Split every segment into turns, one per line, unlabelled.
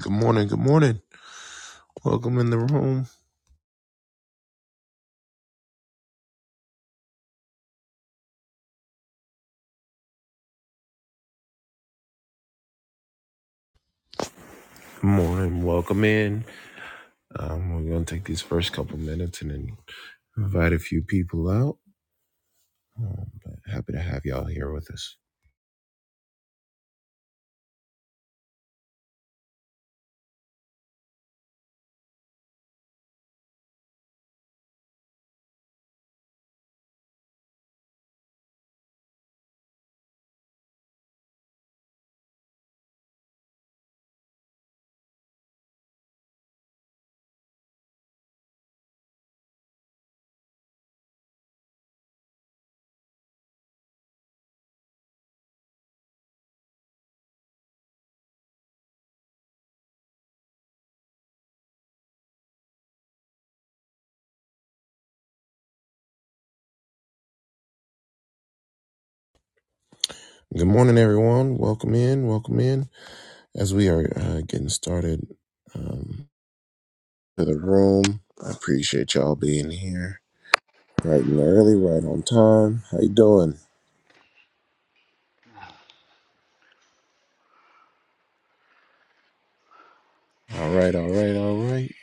Good morning. Good morning. Welcome in the room. Good morning. Welcome in. Um, we're going to take these first couple minutes and then invite a few people out. Um, but happy to have y'all here with us. Good morning, everyone. Welcome in. Welcome in. As we are uh, getting started um, to the room, I appreciate y'all being here. Right and early, right on time. How you doing? All right, all right, all right.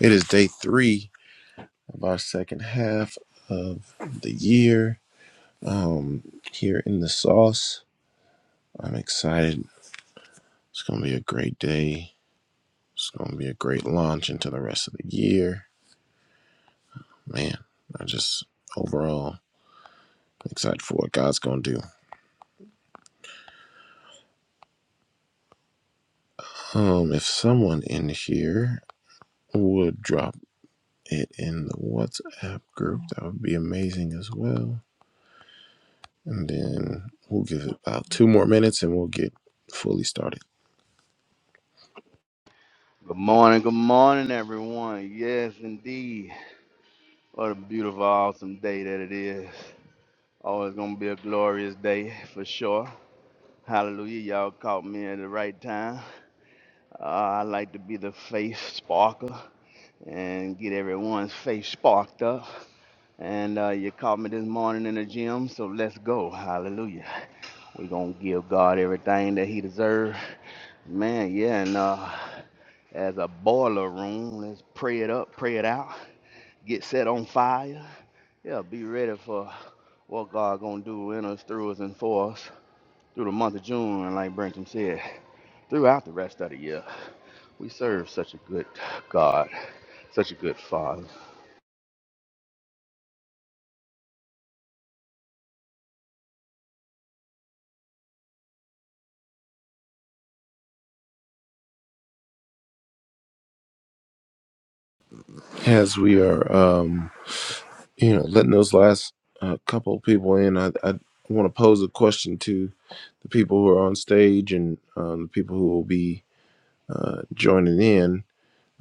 It is day three of our second half of the year um, here in the sauce. I'm excited. It's going to be a great day. It's going to be a great launch into the rest of the year. Man, I just overall excited for what God's going to do. Um, if someone in here would drop it in the WhatsApp group, that would be amazing as well. And then we'll give it about two more minutes and we'll get fully started.
Good morning, good morning, everyone. Yes, indeed. What a beautiful, awesome day that it is. Always gonna be a glorious day for sure. Hallelujah. Y'all caught me at the right time. Uh, I like to be the faith sparker and get everyone's faith sparked up. And uh, you caught me this morning in the gym, so let's go. Hallelujah. We're gonna give God everything that He deserves. Man, yeah, and uh, as a boiler room, let's pray it up, pray it out, get set on fire. Yeah, be ready for what God gonna do in us, through us, and for us through the month of June, and like Brenton said, throughout the rest of the year. We serve such a good God, such a good Father.
As we are, um. you know, letting those last uh, couple of people in, I, I want to pose a question to the people who are on stage and um, the people who will be uh, joining in.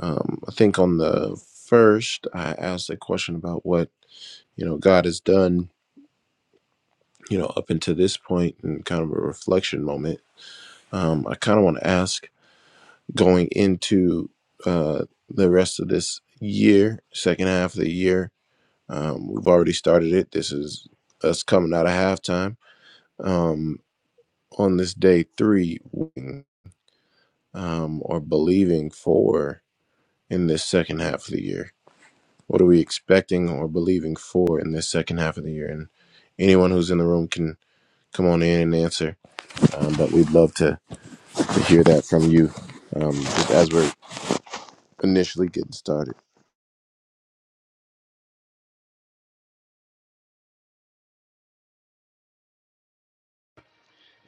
Um, I think on the first, I asked a question about what you know God has done, you know, up until this point, and kind of a reflection moment. Um, I kind of want to ask going into uh, the rest of this year, second half of the year. Um, we've already started it. This is us coming out of halftime um, on this day three um, or believing for in this second half of the year? What are we expecting or believing for in this second half of the year? And anyone who's in the room can come on in and answer. Um, but we'd love to, to hear that from you um, just as we're initially getting started.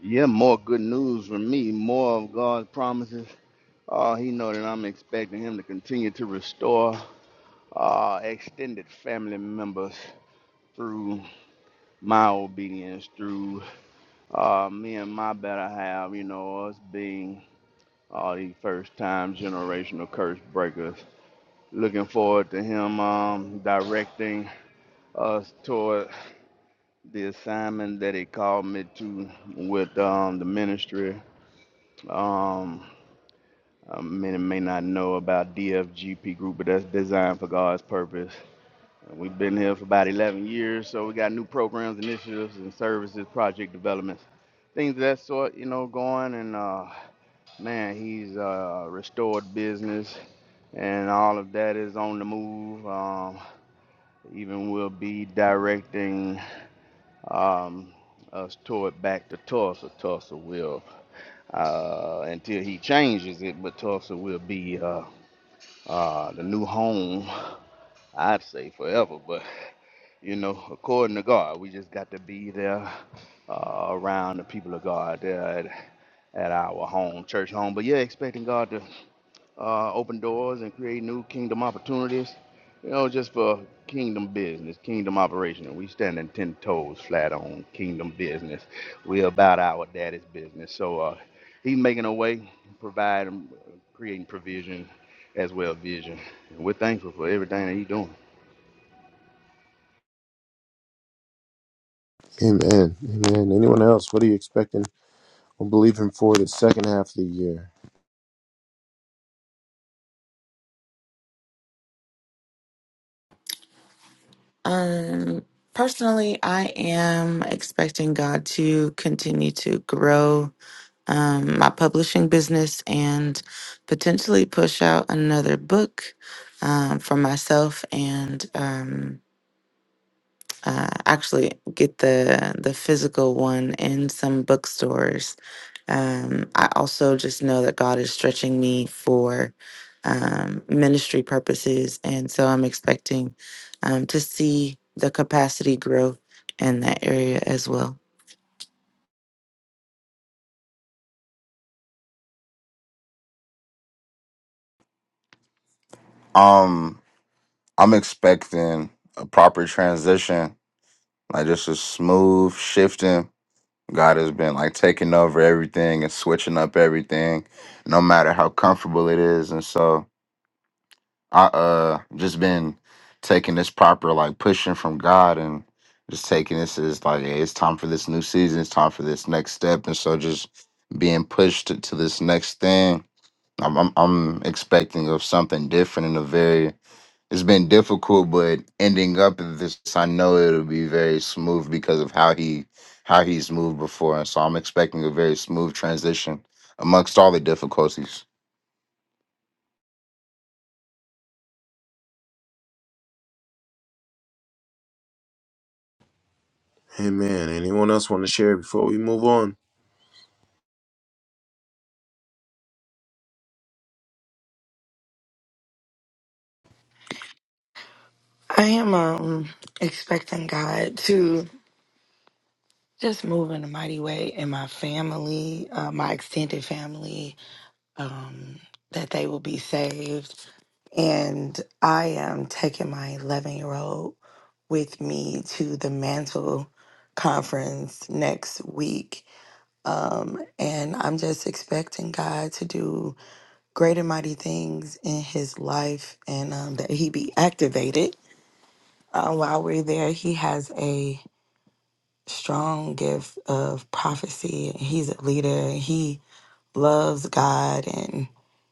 Yeah, more good news from me, more of God's promises. Oh, he know that I'm expecting him to continue to restore uh, extended family members through my obedience, through uh, me and my better half, you know, us being all these first time generational curse breakers. Looking forward to him um, directing us toward the assignment that he called me to with um, the ministry. Um, uh, many may not know about DFGP Group, but that's designed for God's purpose. We've been here for about 11 years, so we got new programs, initiatives, and services, project developments, things of that sort, you know, going. And uh, man, he's uh, restored business and all of that is on the move. Um, even we'll be directing um, us toward back to Tulsa. Tulsa will, uh, until he changes it, but Tulsa will be uh, uh, the new home, I'd say forever. But, you know, according to God, we just got to be there uh, around the people of God there at, at our home, church home. But yeah, expecting God to uh, open doors and create new kingdom opportunities. You know, just for kingdom business, kingdom operation. And We standing ten toes flat on kingdom business. We about our daddy's business. So uh, he's making a way, providing, creating provision as well as vision. And we're thankful for everything that he's doing.
Amen. Amen. Anyone else? What are you expecting or believing for the second half of the year?
Um, personally, I am expecting God to continue to grow um, my publishing business and potentially push out another book um, for myself and. Um, uh, actually get the the physical one in some bookstores. Um, I also just know that God is stretching me for um, ministry purposes, and so I'm expecting um, to see the capacity growth in that area as well.
Um, I'm expecting a proper transition, like just a smooth shifting. God has been like taking over everything and switching up everything, no matter how comfortable it is. And so I uh just been taking this proper like pushing from God and just taking this as like hey, it's time for this new season, it's time for this next step. And so just being pushed to, to this next thing. I'm, I'm I'm expecting of something different in a very It's been difficult, but ending up at this, I know it'll be very smooth because of how he how he's moved before, and so I'm expecting a very smooth transition amongst all the difficulties.
Amen. Anyone else want to share before we move on?
I am um expecting God to just move in a mighty way in my family, uh, my extended family, um, that they will be saved. And I am taking my 11 year old with me to the Mantle Conference next week. Um, and I'm just expecting God to do great and mighty things in his life and um, that he be activated. Uh, while we're there, he has a strong gift of prophecy. He's a leader. He loves God and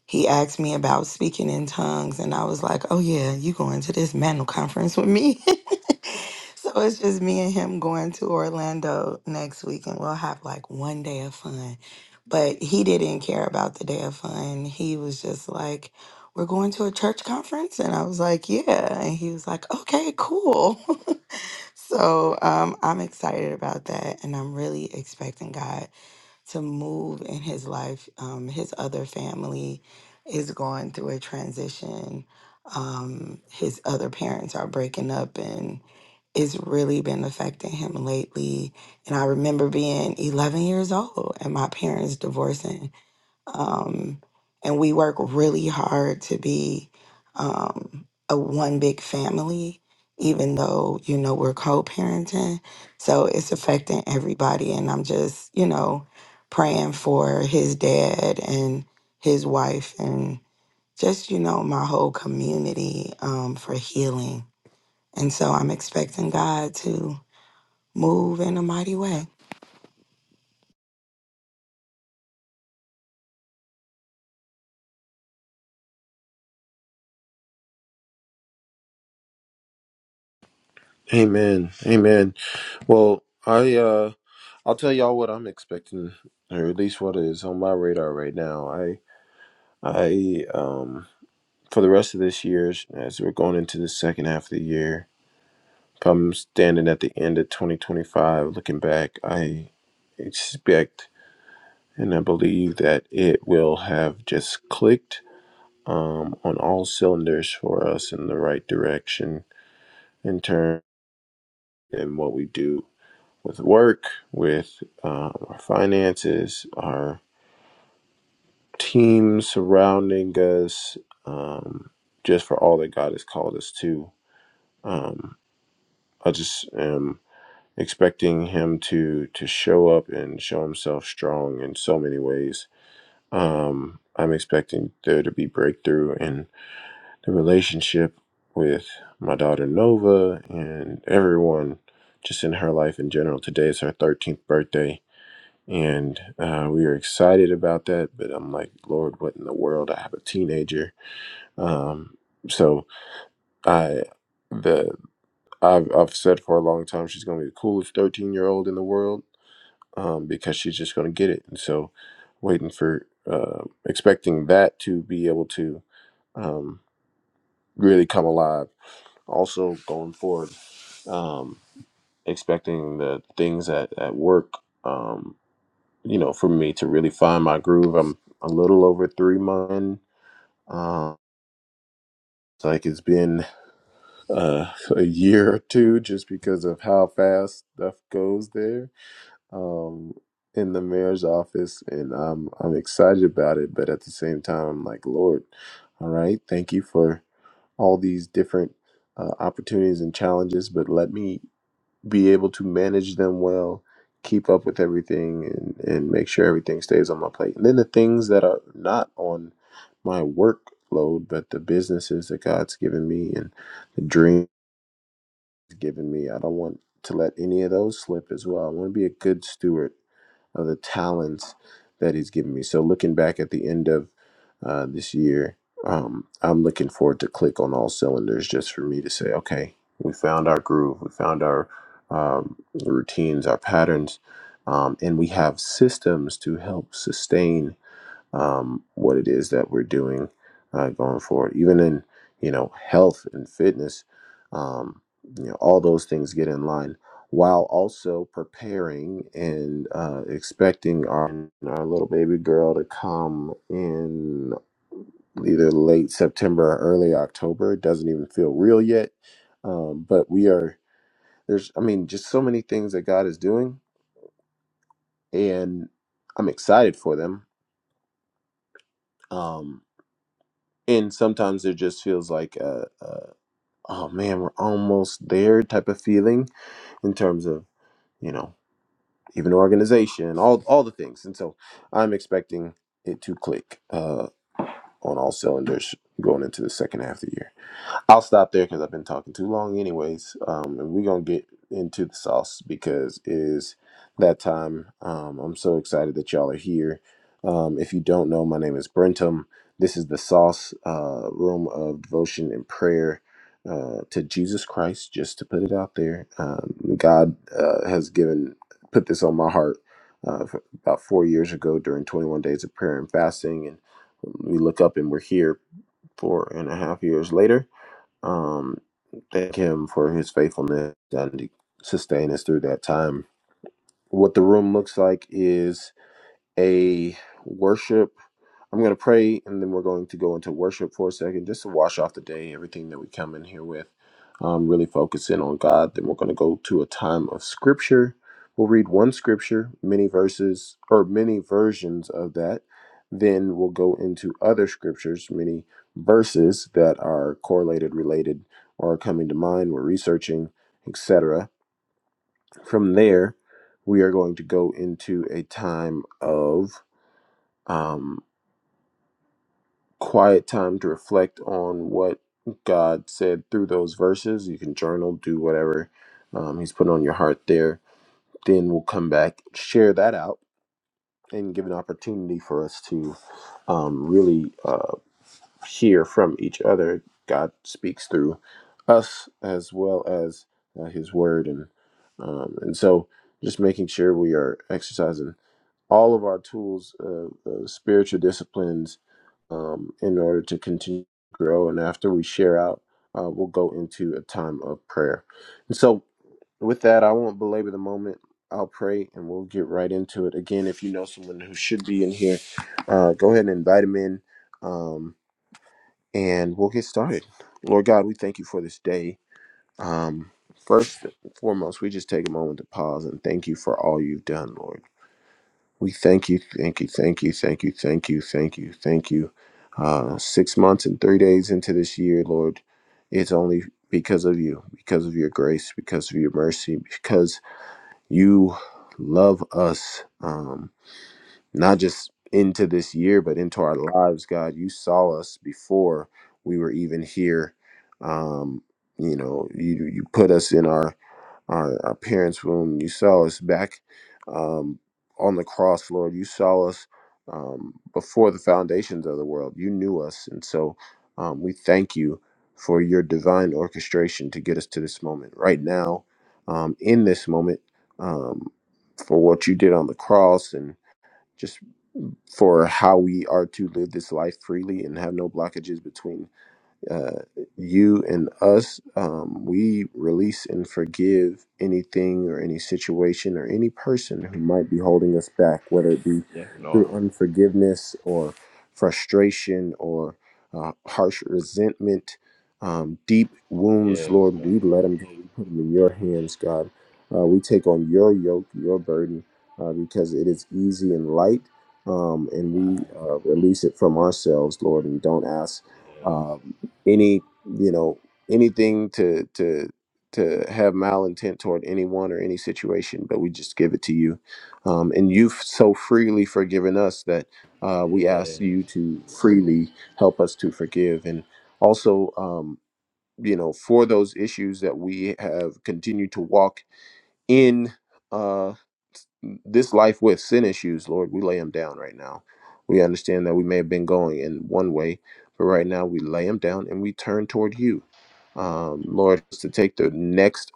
he asked me about speaking in tongues and I was like, "Oh yeah, you going to this mantle conference with me?" so it's just me and him going to Orlando next week and we'll have like one day of fun. But he didn't care about the day of fun. He was just like, "We're going to a church conference." And I was like, "Yeah." And he was like, "Okay, cool." So um, I'm excited about that, and I'm really expecting God to move in his life. Um, his other family is going through a transition. Um, his other parents are breaking up, and it's really been affecting him lately. And I remember being 11 years old and my parents divorcing, um, and we work really hard to be um, a one big family even though you know we're co-parenting so it's affecting everybody and i'm just you know praying for his dad and his wife and just you know my whole community um, for healing and so i'm expecting god to move in a mighty way
Amen. Amen. Well, I uh I'll tell y'all what I'm expecting, or at least what is on my radar right now. I I um for the rest of this year, as we're going into the second half of the year, if I'm standing at the end of 2025, looking back, I expect and I believe that it will have just clicked um on all cylinders for us in the right direction in terms and what we do with work, with um, our finances, our team surrounding us, um, just for all that God has called us to. Um, I just am expecting Him to to show up and show Himself strong in so many ways. Um, I'm expecting there to be breakthrough in the relationship with my daughter Nova and everyone just in her life in general. Today is her 13th birthday. And uh, we are excited about that, but I'm like, Lord, what in the world? I have a teenager Um, so I the I've I've said for a long time she's gonna be the coolest thirteen year old in the world um, because she's just gonna get it. And so waiting for uh, expecting that to be able to um, really come alive. Also going forward, um, expecting the things at at work. Um, you know, for me to really find my groove. I'm a little over three months. in. Um, it's like it's been uh, a year or two just because of how fast stuff goes there um, in the mayor's office, and I'm I'm excited about it. But at the same time, I'm like, Lord, all right, thank you for all these different uh, opportunities and challenges, but let me be able to manage them well, keep up with everything, and and make sure everything stays on my plate. And then the things that are not on my workload, but the businesses that God's given me and the dream given me. I don't want to let any of those slip as well. I want to be a good steward of the talents that He's given me. So, looking back at the end of uh, this year, um, I'm looking forward to click on all cylinders just for me to say, okay, we found our groove, we found our um, routines, our patterns, um, and we have systems to help sustain um, what it is that we're doing uh, going forward. Even in you know health and fitness, um, you know all those things get in line while also preparing and uh, expecting our our little baby girl to come in either late September or early October. It doesn't even feel real yet, um, but we are there's I mean just so many things that God is doing, and I'm excited for them. Um, and sometimes it just feels like uh, uh, oh man we're almost there type of feeling in terms of you know even organization all all the things and so i'm expecting it to click uh, on all cylinders going into the second half of the year I'll stop there because I've been talking too long, anyways. Um, and we're gonna get into the sauce because it is that time. Um, I'm so excited that y'all are here. Um, if you don't know, my name is Brentum. This is the Sauce uh, Room of Devotion and Prayer uh, to Jesus Christ. Just to put it out there, um, God uh, has given put this on my heart uh, f- about four years ago during 21 days of prayer and fasting, and we look up and we're here four and a half years later um, thank him for his faithfulness and to sustain us through that time. What the room looks like is a worship. I'm going to pray and then we're going to go into worship for a second just to wash off the day, everything that we come in here with, um, really focus in on God. Then we're going to go to a time of scripture. We'll read one scripture, many verses or many versions of that. Then we'll go into other scriptures, many verses that are correlated, related, or are coming to mind. We're researching, etc. From there, we are going to go into a time of. um, quiet time to reflect on what God said through those verses. You can journal, do whatever um, He's put on your heart there. Then we'll come back, share that out, and give an opportunity for us to um, really uh, hear from each other. God speaks through us as well as uh, His Word, and um, and so just making sure we are exercising all of our tools, uh, uh, spiritual disciplines, um, in order to continue to grow. And after we share out, uh, we'll go into a time of prayer. And so, with that, I won't belabor the moment. I'll pray and we'll get right into it. Again, if you know someone who should be in here, uh, go ahead and invite them in um, and we'll get started. Lord God, we thank you for this day. Um, first and foremost, we just take a moment to pause and thank you for all you've done, Lord. We thank you, thank you, thank you, thank you, thank you, thank you, thank you. Uh, six months and three days into this year, Lord, it's only because of you, because of your grace, because of your mercy, because you love us, um, not just into this year, but into our lives, God. You saw us before we were even here. Um, you know, you, you put us in our our, our parents' room. You saw us back um, on the cross, Lord. You saw us um, before the foundations of the world. You knew us. And so um, we thank you for your divine orchestration to get us to this moment right now, um, in this moment, um, for what you did on the cross and just for how we are to live this life freely and have no blockages between uh, you and us, um, we release and forgive anything or any situation or any person who might be holding us back, whether it be
Yes, Lord.
through unforgiveness or frustration or uh, harsh resentment, um, deep wounds,
Yes,
Lord,
God.
we let them go. We put them in your hands, God. Uh, we take on your yoke, your burden, uh, because it is easy and light, um, and
My
we
God.
uh, release it from ourselves, Lord, and don't ask.
Yes.
um, any you know anything to to to have malintent toward anyone or any situation but we just give it to you um, and you've so freely forgiven us that uh, we ask
Yes.
you to freely help us to forgive and also um, you know for those issues that we have continued to walk in uh, this life with sin issues, Lord, we lay them down right now. We understand that we may have been going in one way, but right now we lay them down and we turn toward you. Um, Lord, to take the next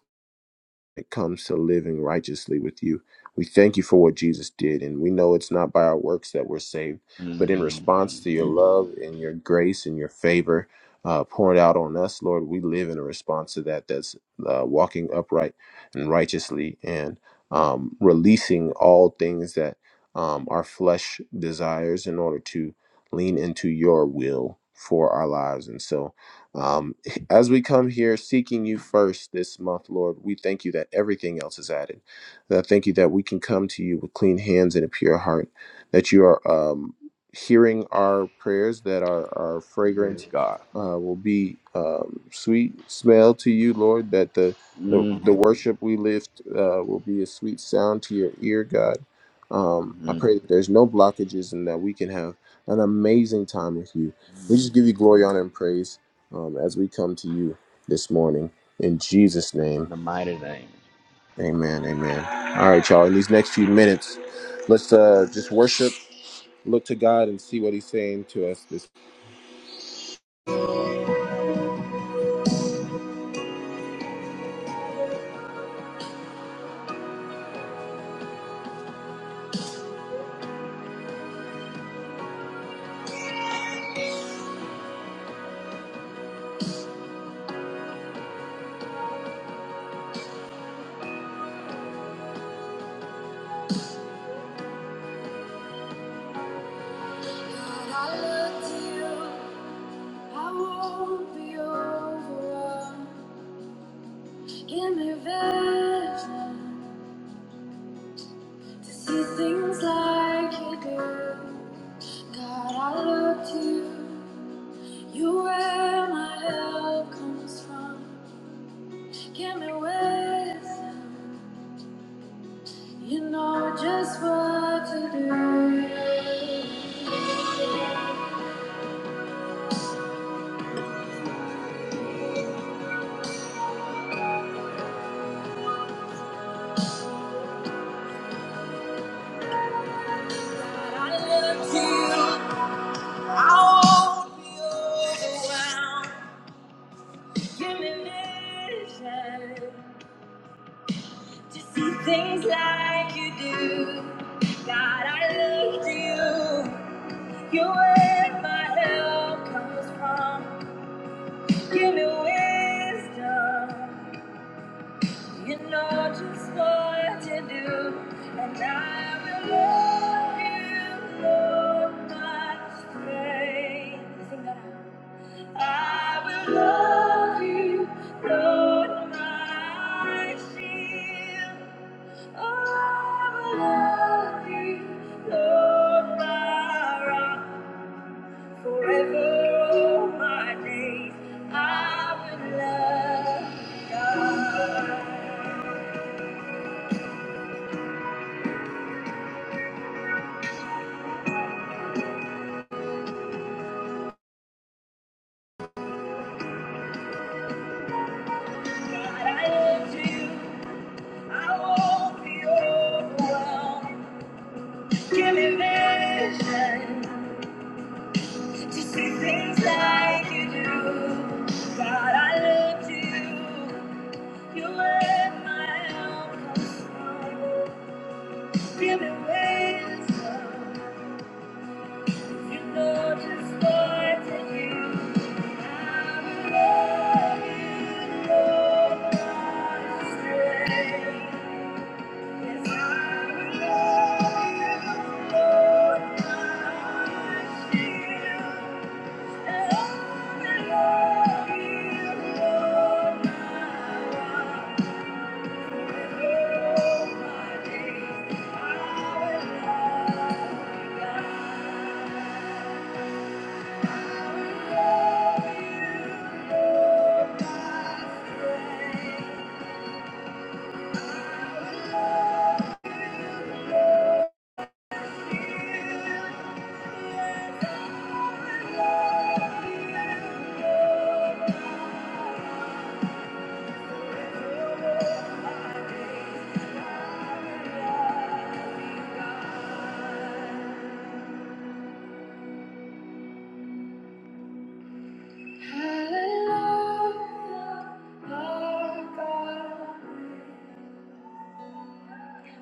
it comes to living righteously with you. We thank you for what Jesus did, and we know it's not by our works that we're saved, but in response
Mm.
to your love and your grace and your favor uh, poured out on us, Lord, we live in a response to that that's uh, walking upright and righteously and um, releasing all things that um, our flesh desires in order to lean into your will for our lives. And so, um, as we come here seeking you first this month, Lord, we thank you that everything else is added. And I thank you that we can come to you with clean hands and a pure heart, that you are um, hearing our prayers, that our, our
Yes,
fragrance
God.
uh, will be um, sweet smell to you, Lord, that the, the, the
Mm-hmm.
worship we lift uh, will be a sweet sound to your ear, God. Um, I
Mm-hmm.
pray that there's no blockages and that we can have an amazing time with you. We just give you
Mm.
glory, honor, and praise um, as we come to you this morning. In Jesus'
in
name,
the mighty name.
amen, amen. All right, y'all, in these next few minutes, let's uh, just worship, look to God, and see what He's saying to us this When I look to you, I won't be overwhelmed. Give me vision to see things like you do. God, I look to you. You're where my help comes from. Give me wisdom You know just what to do. But I look to you. I won't be overwhelmed. Give me vision to see things like you do. God, I look to you. You're where my help comes from. Give me wisdom. You know just what to do, and I will love you, Lord, my strength. Sing that out. I will love you, Lord, my shield. I will love you, Lord, my rock. Forever, all my days, I will love you, God. Give me wisdom, you know just what to use. I will love you, Lord, my strength. Hallelujah, our God.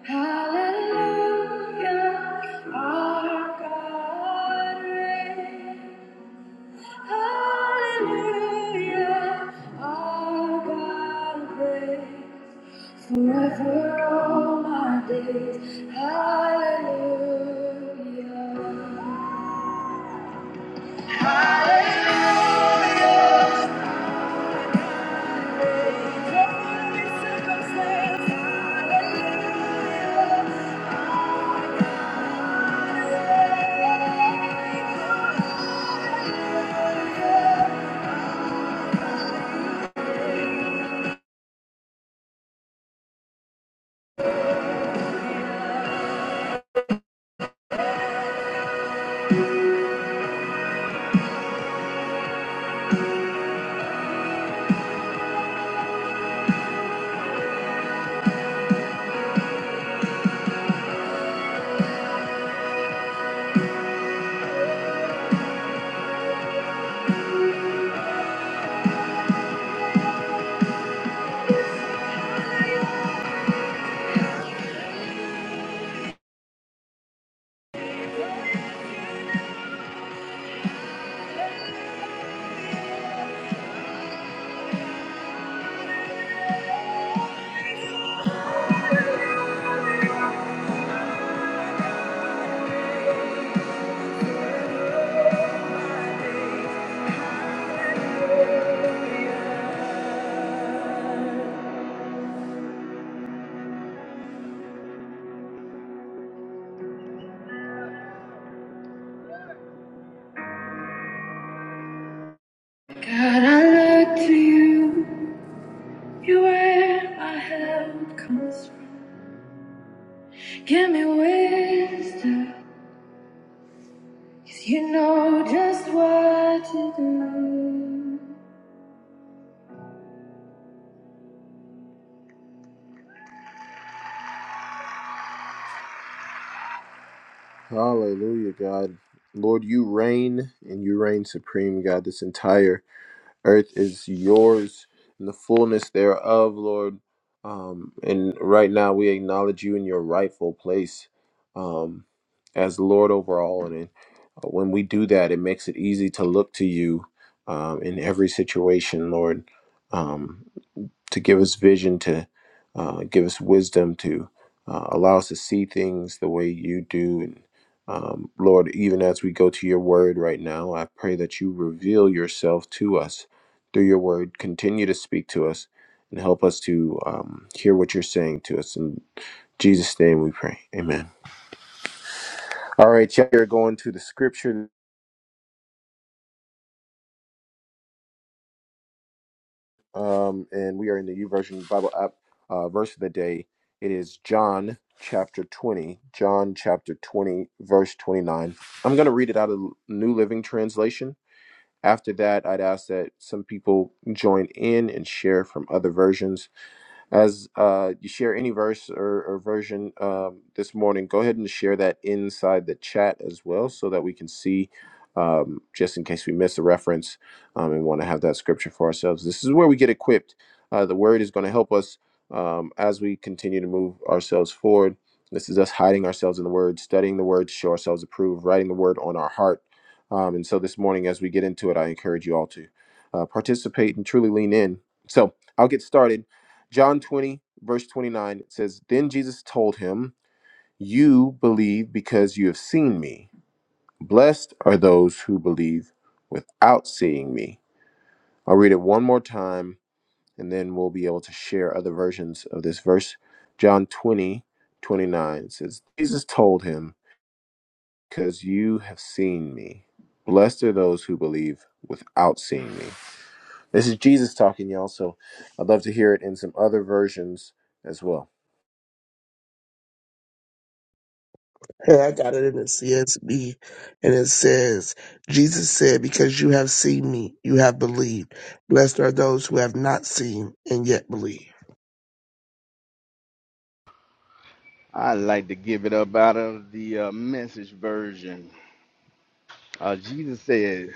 Hallelujah, our God reigns. Hallelujah, our God reigns. Forever all my days. Hallelujah. Hallelujah. Every circumstance. Hallelujah. Hallelujah. God, I look to you. You're where my help comes from. Give me wisdom, cause you know just what to do. Hallelujah, God. Lord, you reign and you reign supreme, God, this entire earth is yours and the fullness thereof, Lord. Um, and right now we acknowledge you in your rightful place um, as Lord over all. And uh, when we do that, it makes it easy to look to you um, in every situation, Lord. Um, to give us vision, to uh, give us wisdom, to uh, allow us to see things the way you do. And um, Lord, even as we go to your word right now, I pray that you reveal yourself to us through your word. Continue to speak to us and help us to um, hear what you're saying to us. In Jesus' name we pray. Amen. All right, y'all, we're going to the scripture um, and we are in the U Version Bible app. Uh, verse of the day it is John chapter 20, John chapter 20, verse 29. I'm going to read it out of New Living Translation. After that, I'd ask that some people join in and share from other versions. As uh, you share any verse or, or version um, this morning, go ahead and share that inside the chat as well so that we can see, um, just in case we miss a reference um, and want to have that scripture for ourselves. This is where we get equipped. Uh, the word is going to help us um, as we continue to move ourselves forward. This is us hiding ourselves in the word, studying the word to show ourselves approved, writing the word on our heart. Um, and so this morning, as we get into it, I encourage you all to uh, participate and truly lean in. So I'll get started John 20, verse 29 it says, Then Jesus told him, 'You believe because you have seen me. Blessed are those who believe without seeing me. I'll read it one more time and then we'll be able to share other versions of this verse. John twenty twenty 29 it says, Jesus told him, 'Because you have seen me. Blessed are those who believe without seeing me. This is Jesus talking, y'all, so I'd love to hear it in some other versions as well.
Hey, I got it in the CSB, and it says, Jesus said, Because you have seen me, you have believed. Blessed are those who have not seen and yet believe.
I'd like to give it up out of the uh, message version. Uh, Jesus said,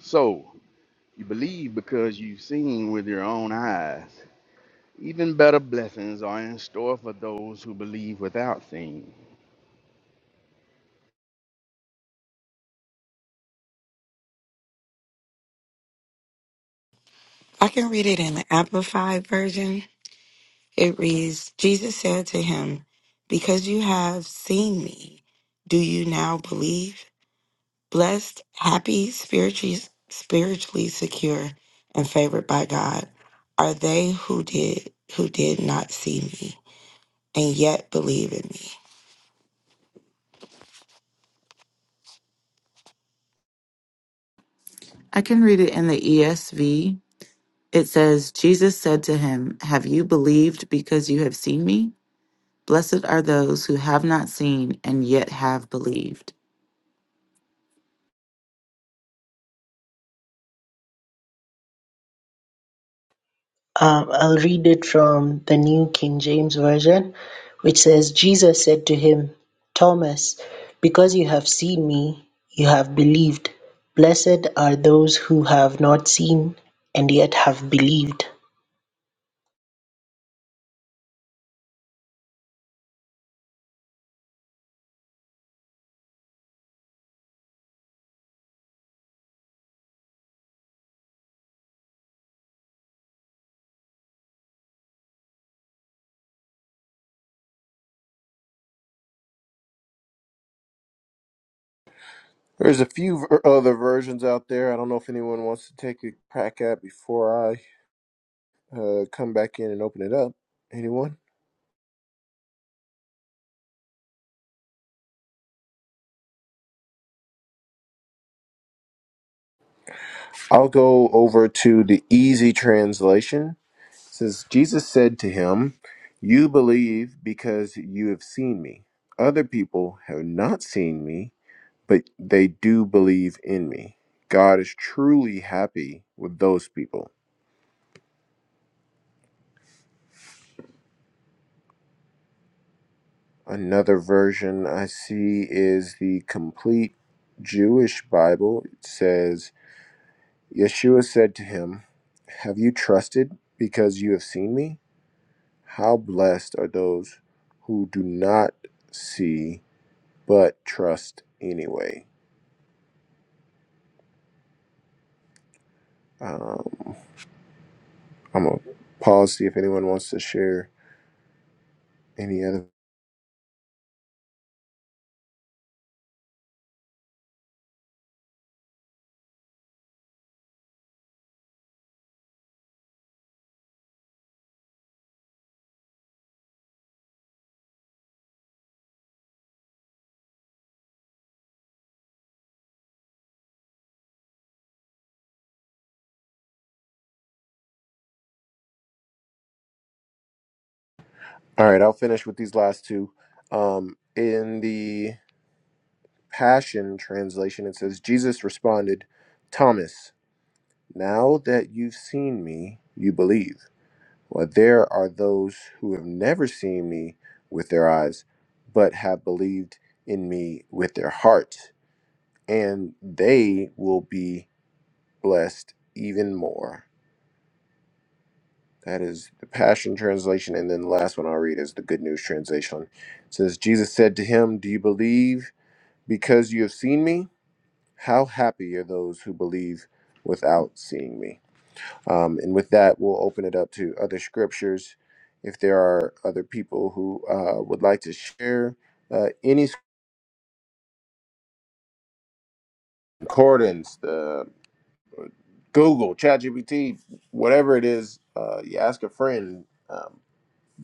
So you believe because you've seen with your own eyes. Even better blessings are in store for those who believe without seeing.
i can read it in the amplified version It reads Jesus said to him, Because you have seen me, do you now believe? Blessed, happy, spiritually, spiritually secure, and favored by God are they who did who did not see me and yet believe in me.
I can read it in the ESV. It says, Jesus said to him, Have you believed because you have seen me? Blessed are those who have not seen and yet have believed.
Um, I'll read it from the New King James Version, which says, Jesus said to him, Thomas, because you have seen me, you have believed. Blessed are those who have not seen and yet have believed.
There's a few ver- other versions out there. I don't know if anyone wants to take a crack at before I uh, come back in and open it up. Anyone? I'll go over to the easy translation. It says Jesus said to him, "You believe because you have seen me. Other people have not seen me, but they do believe in me. God is truly happy with those people." Another version I see is the complete Jewish Bible. It says, Yeshua said to him, Have you trusted because you have seen me? How blessed are those who do not see but trust anyway. Um, I'm going to pause, see if anyone wants to share any other. All right, I'll finish with these last two. Um, in the Passion translation, it says, Jesus responded, Thomas. Now that you've seen me, you believe. Well, there are those who have never seen me with their eyes, but have believed in me with their hearts, and they will be blessed even more. That is the Passion Translation. And then the last one I'll read is the Good News Translation. It says, Jesus said to him, Do you believe because you have seen me? How happy are those who believe without seeing me? Um, and with that, we'll open it up to other scriptures. If there are other people who uh, would like to share uh, any concordance, the Google, ChatGPT, whatever it is, uh, you ask a friend um,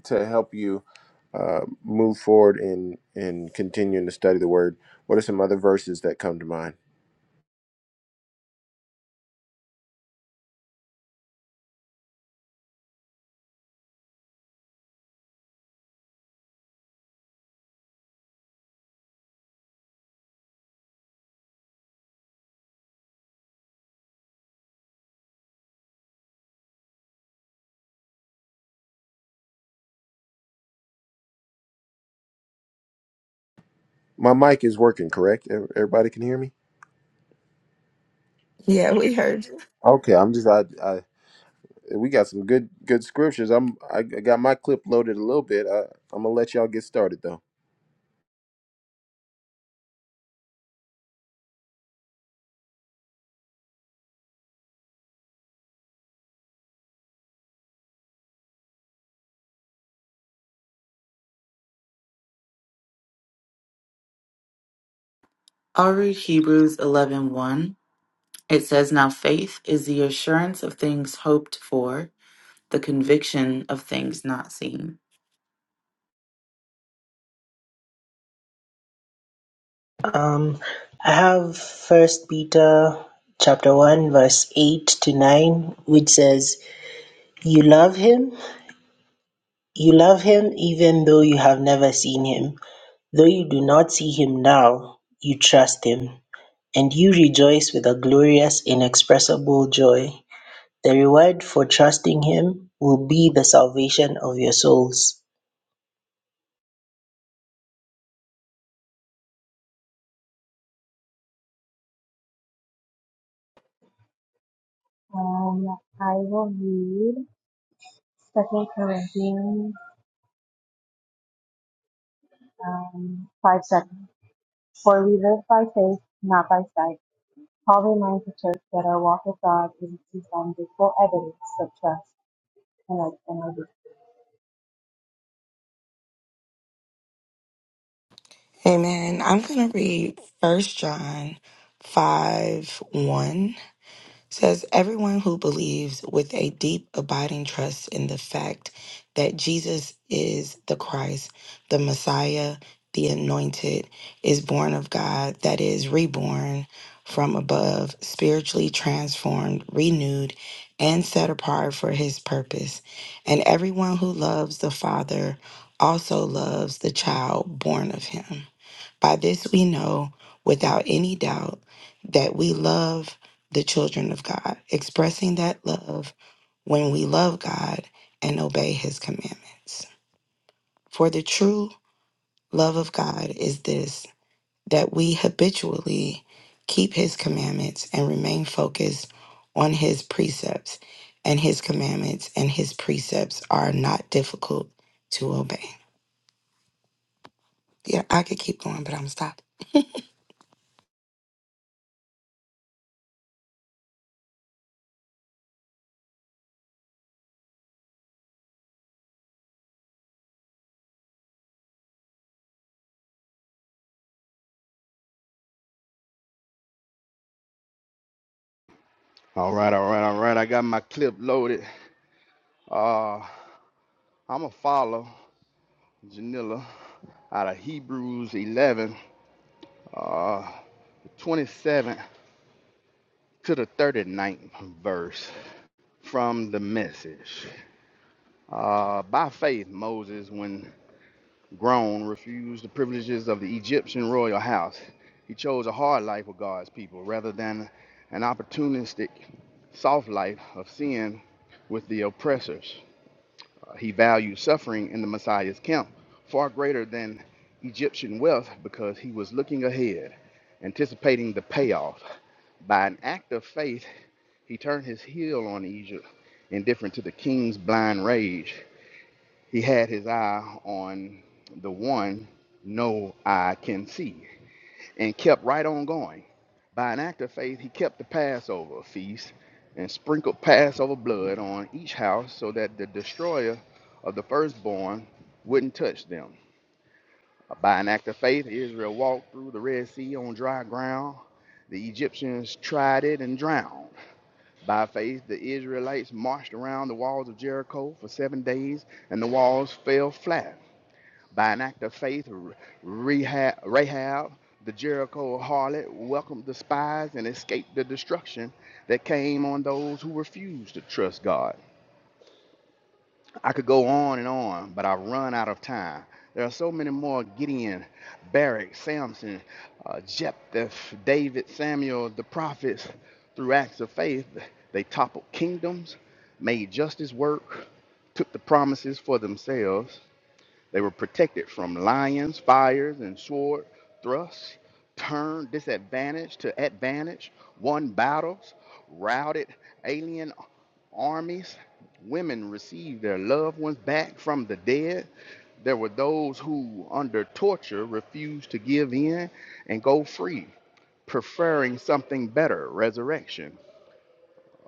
to help you uh, move forward in in continuing to study the Word. What are some other verses that come to mind? My mic is working, correct? Ev- Everybody can hear me.
Yeah, we heard you.
Okay, I'm just I, I we got some good good scriptures. I'm I, I got my clip loaded a little bit. I, I'm gonna let y'all get started though.
I'll read Hebrews eleven one. It says, "Now faith is the assurance of things hoped for, the conviction of things not seen."
Um, I have First Peter chapter 1 verse 8 to 9 which says you love him you love him even though you have never seen him though you do not see him now you trust him and you rejoice with a glorious, inexpressible joy. The reward for trusting Him will be the salvation of your souls.
Um, I will read Second Corinthians um, five seven. For we live by faith, not by sight. Paul reminds the church that our walk with God is based on visible evidence of trust and our and our belief.
Amen. I'm gonna read first John five one. says everyone who believes with a deep abiding trust in the fact that Jesus is the Christ, the Messiah, the anointed, is born of God, that is reborn from above, spiritually transformed, renewed, and set apart for his purpose. And everyone who loves the Father also loves the child born of him. By this we know without any doubt that we love the children of God, expressing that love when we love God and obey his commandments. For the true love of God is this that we habitually keep his commandments and remain focused on his precepts, and his commandments and his precepts are not difficult to obey. Yeah, I could keep going, but I'm stopping.
All right, all right, all right. I got my clip loaded. Uh, I'm going to follow Janilla out of Hebrews 11, uh, 27 to the 39th verse from the message. Uh, by faith, Moses, when grown, refused the privileges of the Egyptian royal house. He chose a hard life with God's people rather than an opportunistic, soft life of sin with the oppressors. Uh, he valued suffering in the Messiah's camp far greater than Egyptian wealth because he was looking ahead, anticipating the payoff. By an act of faith, he turned his heel on Egypt, indifferent to the king's blind rage. He had his eye on the one no eye can see and kept right on going. By an act of faith, he kept the Passover feast and sprinkled Passover blood on each house so that the destroyer of the firstborn wouldn't touch them. By an act of faith, Israel walked through the Red Sea on dry ground. The Egyptians tried it and drowned. By faith, the Israelites marched around the walls of Jericho for seven days, and the walls fell flat. By an act of faith, R- Rahab, the Jericho harlot, welcomed the spies and escaped the destruction that came on those who refused to trust God. I could go on and on, but I have run out of time. There are so many more Gideon, Barak, Samson, uh, Jephthah, David, Samuel, the prophets. Through acts of faith, they toppled kingdoms, made justice work, took the promises for themselves. They were protected from lions, fires, and sword thrusts, turned disadvantage to advantage, won battles, routed alien armies. Women received their loved ones back from the dead. There were those who, under torture, refused to give in and go free, preferring something better resurrection.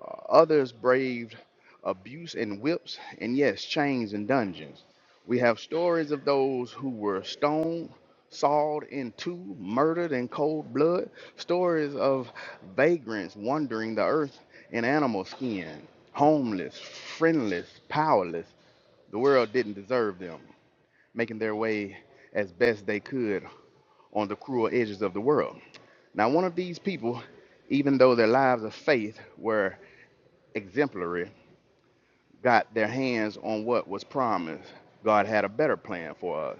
Uh, others braved abuse and whips, and yes, chains and dungeons. We have stories of those who were stoned, sawed in two, murdered in cold blood, stories of vagrants wandering the earth in animal skin, homeless, friendless, powerless. The world didn't deserve them, making their way as best they could on the cruel edges of the world. Now, one of these people, even though their lives of faith were exemplary, got their hands on what was promised, God had a better plan for us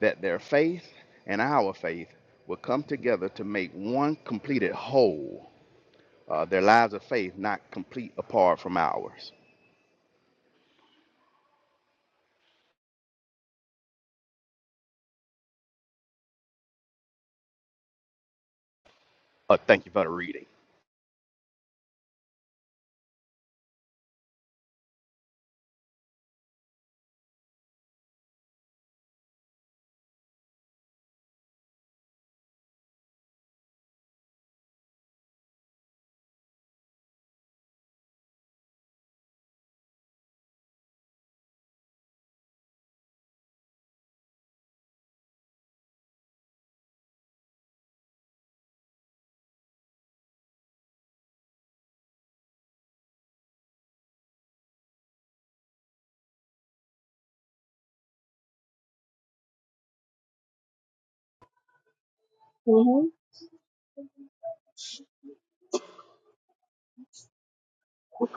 that their faith and our faith would come together to make one completed whole, uh, their lives of faith not complete apart from ours. Uh, thank you for the reading.
Can you hear me?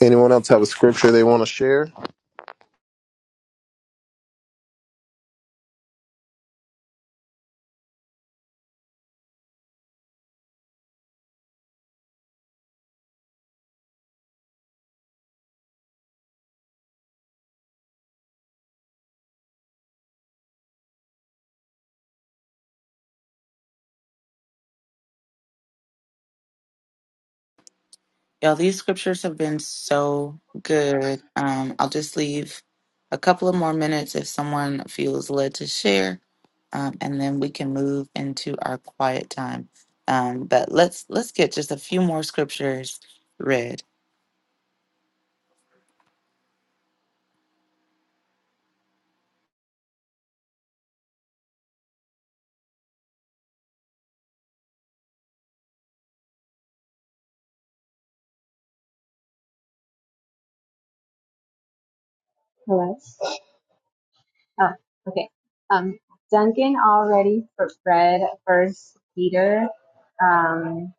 Anyone else have a scripture they want to share?
Y'all, these scriptures have been so good. Um, I'll just leave a couple of more minutes if someone feels led to share, um, and then we can move into our quiet time. Um, but let's let's get just a few more scriptures read.
Hello. Oh, okay. Um, Duncan already f- read First Peter, um,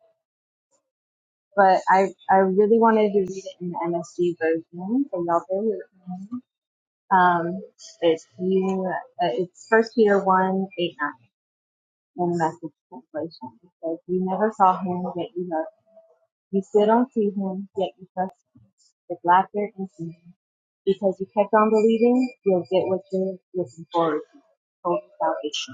but I I really wanted to read it in the MSG version, so y'all bear with me. Um, it's you. uh, It's First Peter one eight nine in the Message translation. It says, "You never saw him, yet you love. Him. You still don't see him, yet you trust him with laughter and singing, because you kept on believing. You'll get what you're looking forward to, total salvation."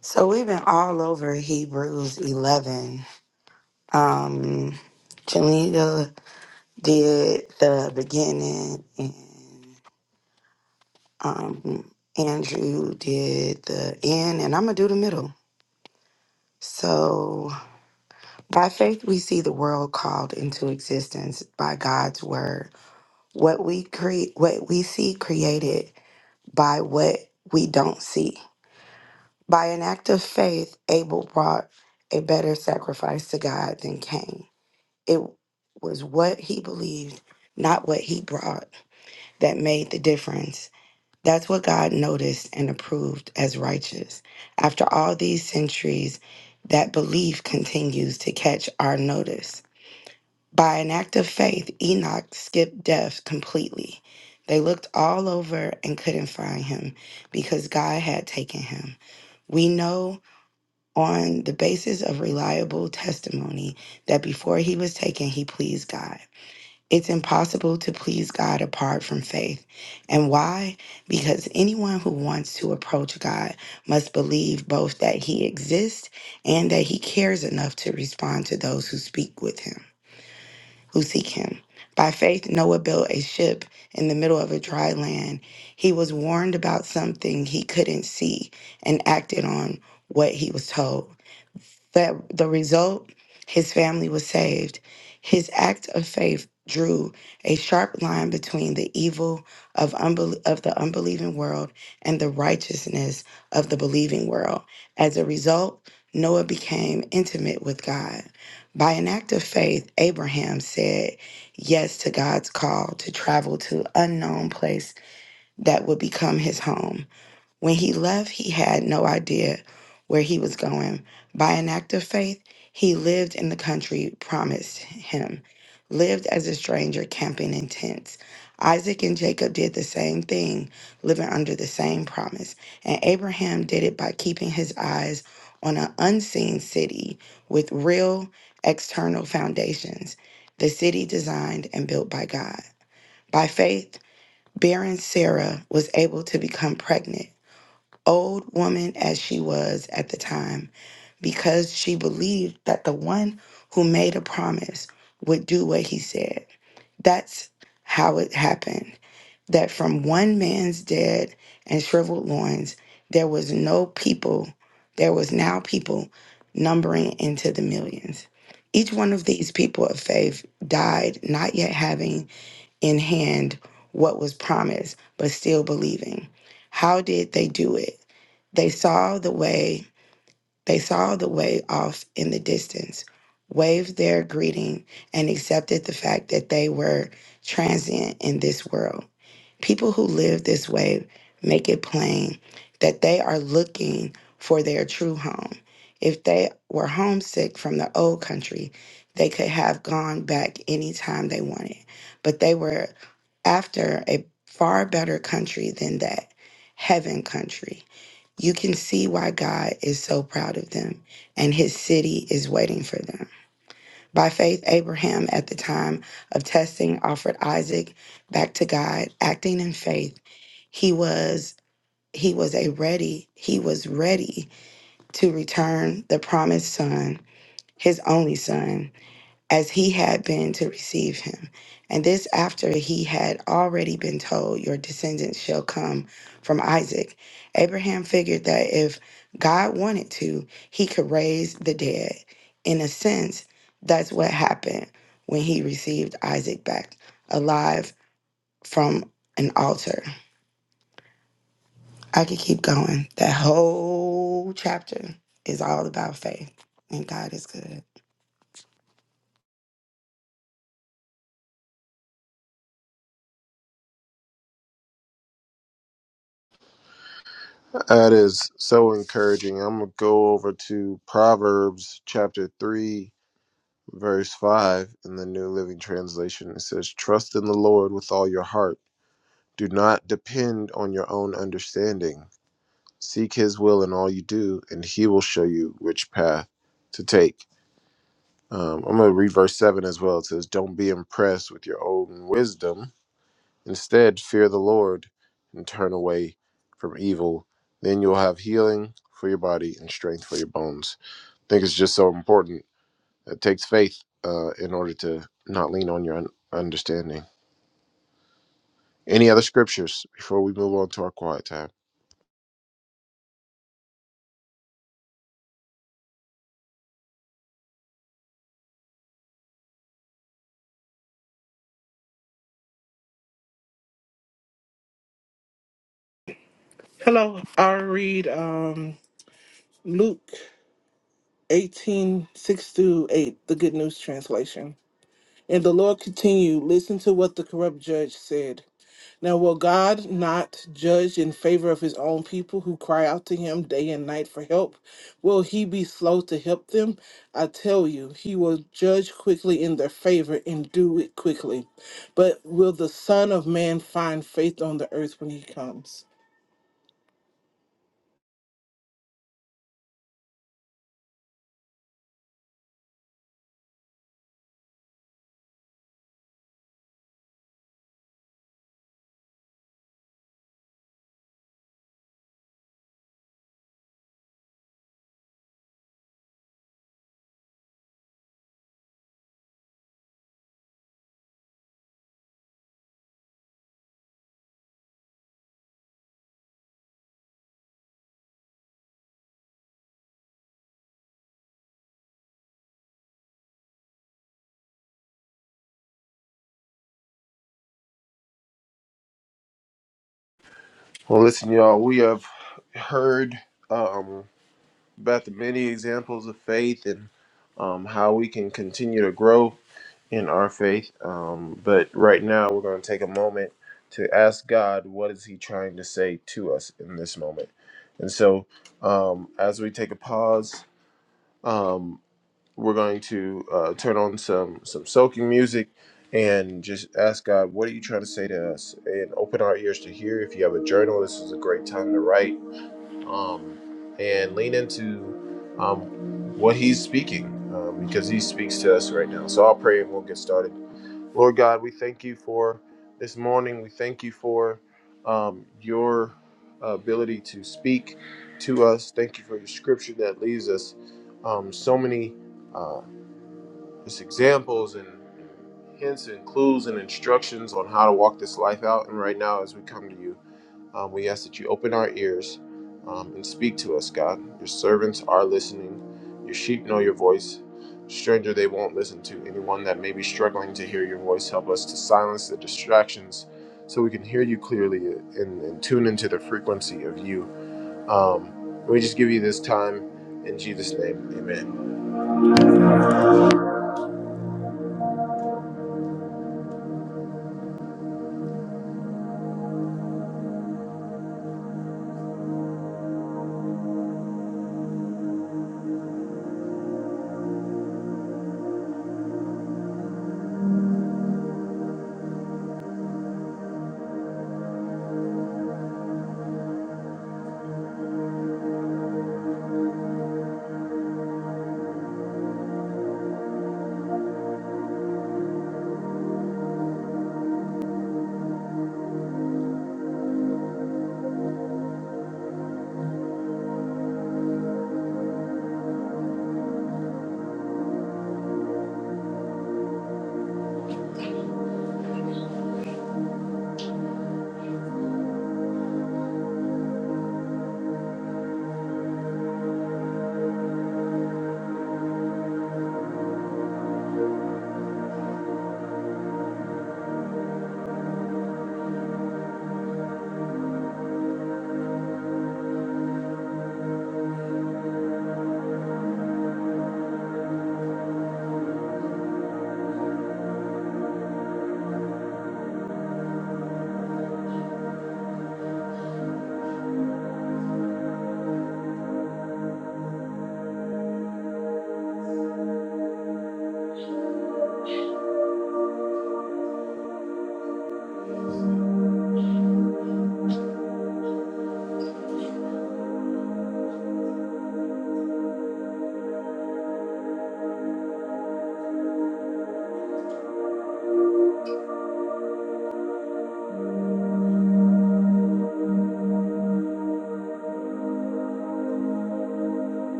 So we've been all over Hebrews 11. Um, Janita did the beginning, and um, Andrew did the end, and I'm going to do the middle. So, by faith, we see the world called into existence by God's word. What we create, what we see created by what we don't see. By an act of faith, Abel brought a better sacrifice to God than Cain It was what he believed, not what he brought, that made the difference. That's what God noticed and approved as righteous. After all these centuries, that belief continues to catch our notice. By an act of faith, Enoch skipped death completely. They looked all over and couldn't find him because God had taken him. We know on the basis of reliable testimony that before he was taken, he pleased God. It's impossible to please God apart from faith. And why? Because anyone who wants to approach God must believe both that he exists and that he cares enough to respond to those who speak with him, who seek him. By faith, Noah built a ship in the middle of a dry land. He was warned about something he couldn't see and acted on what he was told that the result his family was saved his act of faith drew a sharp line between the evil of, unbel- of the unbelieving world and the righteousness of the believing world as a result noah became intimate with god by an act of faith abraham said yes to god's call to travel to unknown place that would become his home when he left, he had no idea where he was going. By an act of faith, he lived in the country promised him, lived as a stranger, camping in tents. Isaac and Jacob did the same thing, living under the same promise. And Abraham did it by keeping his eyes on an unseen city with real external foundations, the city designed and built by God. By faith, barren Sarah was able to become pregnant old woman as she was at the time, because she believed that the one who made a promise would do what he said. That's how it happened that from one man's dead and shriveled loins, there was no people, there was now people numbering into the millions. Each one of these people of faith died not yet having in hand what was promised, but still believing. How did they do it? They saw the way, they saw the way off in the distance, waved their greeting, and accepted the fact that they were transient in this world. People who live this way make it plain that they are looking for their true home. If they were homesick from the old country, they could have gone back anytime they wanted, but they were after a far better country than that, heaven country you can see why God is so proud of them, and his city is waiting for them. By faith, Abraham, at the time of testing, offered Isaac back to God, acting in faith. He was he was a ready, he was ready to return the promised son, his only son as he had been to receive him. And this after he had already been told, Your descendants shall come from Isaac. Abraham figured that if God wanted to, he could raise the dead. In a sense, that's what happened when he received Isaac back alive from an altar. I could keep going. That whole chapter is all about faith, and God is good.
That is so encouraging. I'm gonna go over to Proverbs chapter three, verse five in the New Living Translation. It says, "Trust in the Lord with all your heart. Do not depend on your own understanding. Seek His will in all you do, and He will show you which path to take." Um, I'm going to read verse 7 as well. It says, Don't be impressed with your own wisdom. Instead, fear the Lord and turn away from evil. Then you'll have healing for your body and strength for your bones. I think it's just so important. It takes faith uh, in order to not lean on your un- understanding. Any other scriptures before we move on to our quiet time?
Hello, I'll read um, Luke 18 6 through 8, the Good News Translation. And the Lord continued, Listen to what the corrupt judge said. Now, will God not judge in favor of his own people who cry out to him day and night for help? Will he be slow to help them? I tell you, he will judge quickly in their favor and do it quickly. But will the Son of Man find faith on the earth when he comes?
Well, listen, y'all, we have heard. Um, about the many examples of faith and um, how we can continue to grow in our faith. Um, but right now, we're going to take a moment to ask God, what is He trying to say to us in this moment? And so, um, as we take a pause, um, we're going to uh, turn on some some soaking music and just ask God, what are you trying to say to us? And open our ears to hear. If you have a journal, this is a great time to write um, and lean into um, what he's speaking um, because he speaks to us right now. So I'll pray and we'll get started. Lord God, we thank you for this morning. We thank you for um, your ability to speak to us. Thank you for your scripture that leaves us um, so many uh, just examples and hints and clues and instructions on how to walk this life out. And right now, as we come to you, um, we ask that you open our ears um, and speak to us, God. Your servants are listening. Your sheep know your voice. Stranger, they won't listen to. Anyone that may be struggling to hear your voice, help us to silence the distractions so we can hear you clearly and, and tune into the frequency of you. Um, we just give you this time in Jesus' name. Amen.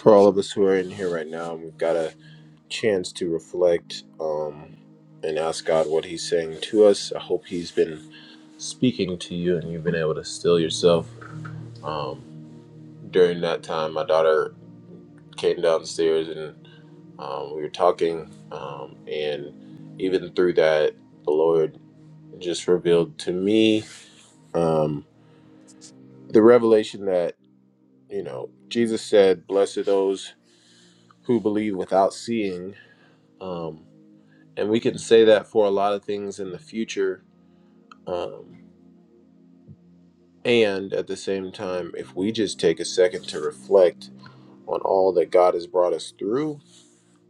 For all of us who are in here right now, we've got a chance to reflect um, and ask God what He's saying to us. I hope He's been speaking to you and you've been able to still yourself. Um, during that time, my daughter came downstairs and um, we were talking. Um, and even through that, the Lord just revealed to me um, the revelation that, you know, Jesus said, Blessed are those who believe without seeing. Um, and we can say that for a lot of things in the future. Um, and at the same time, if we just take a second to reflect on all that God has brought us through.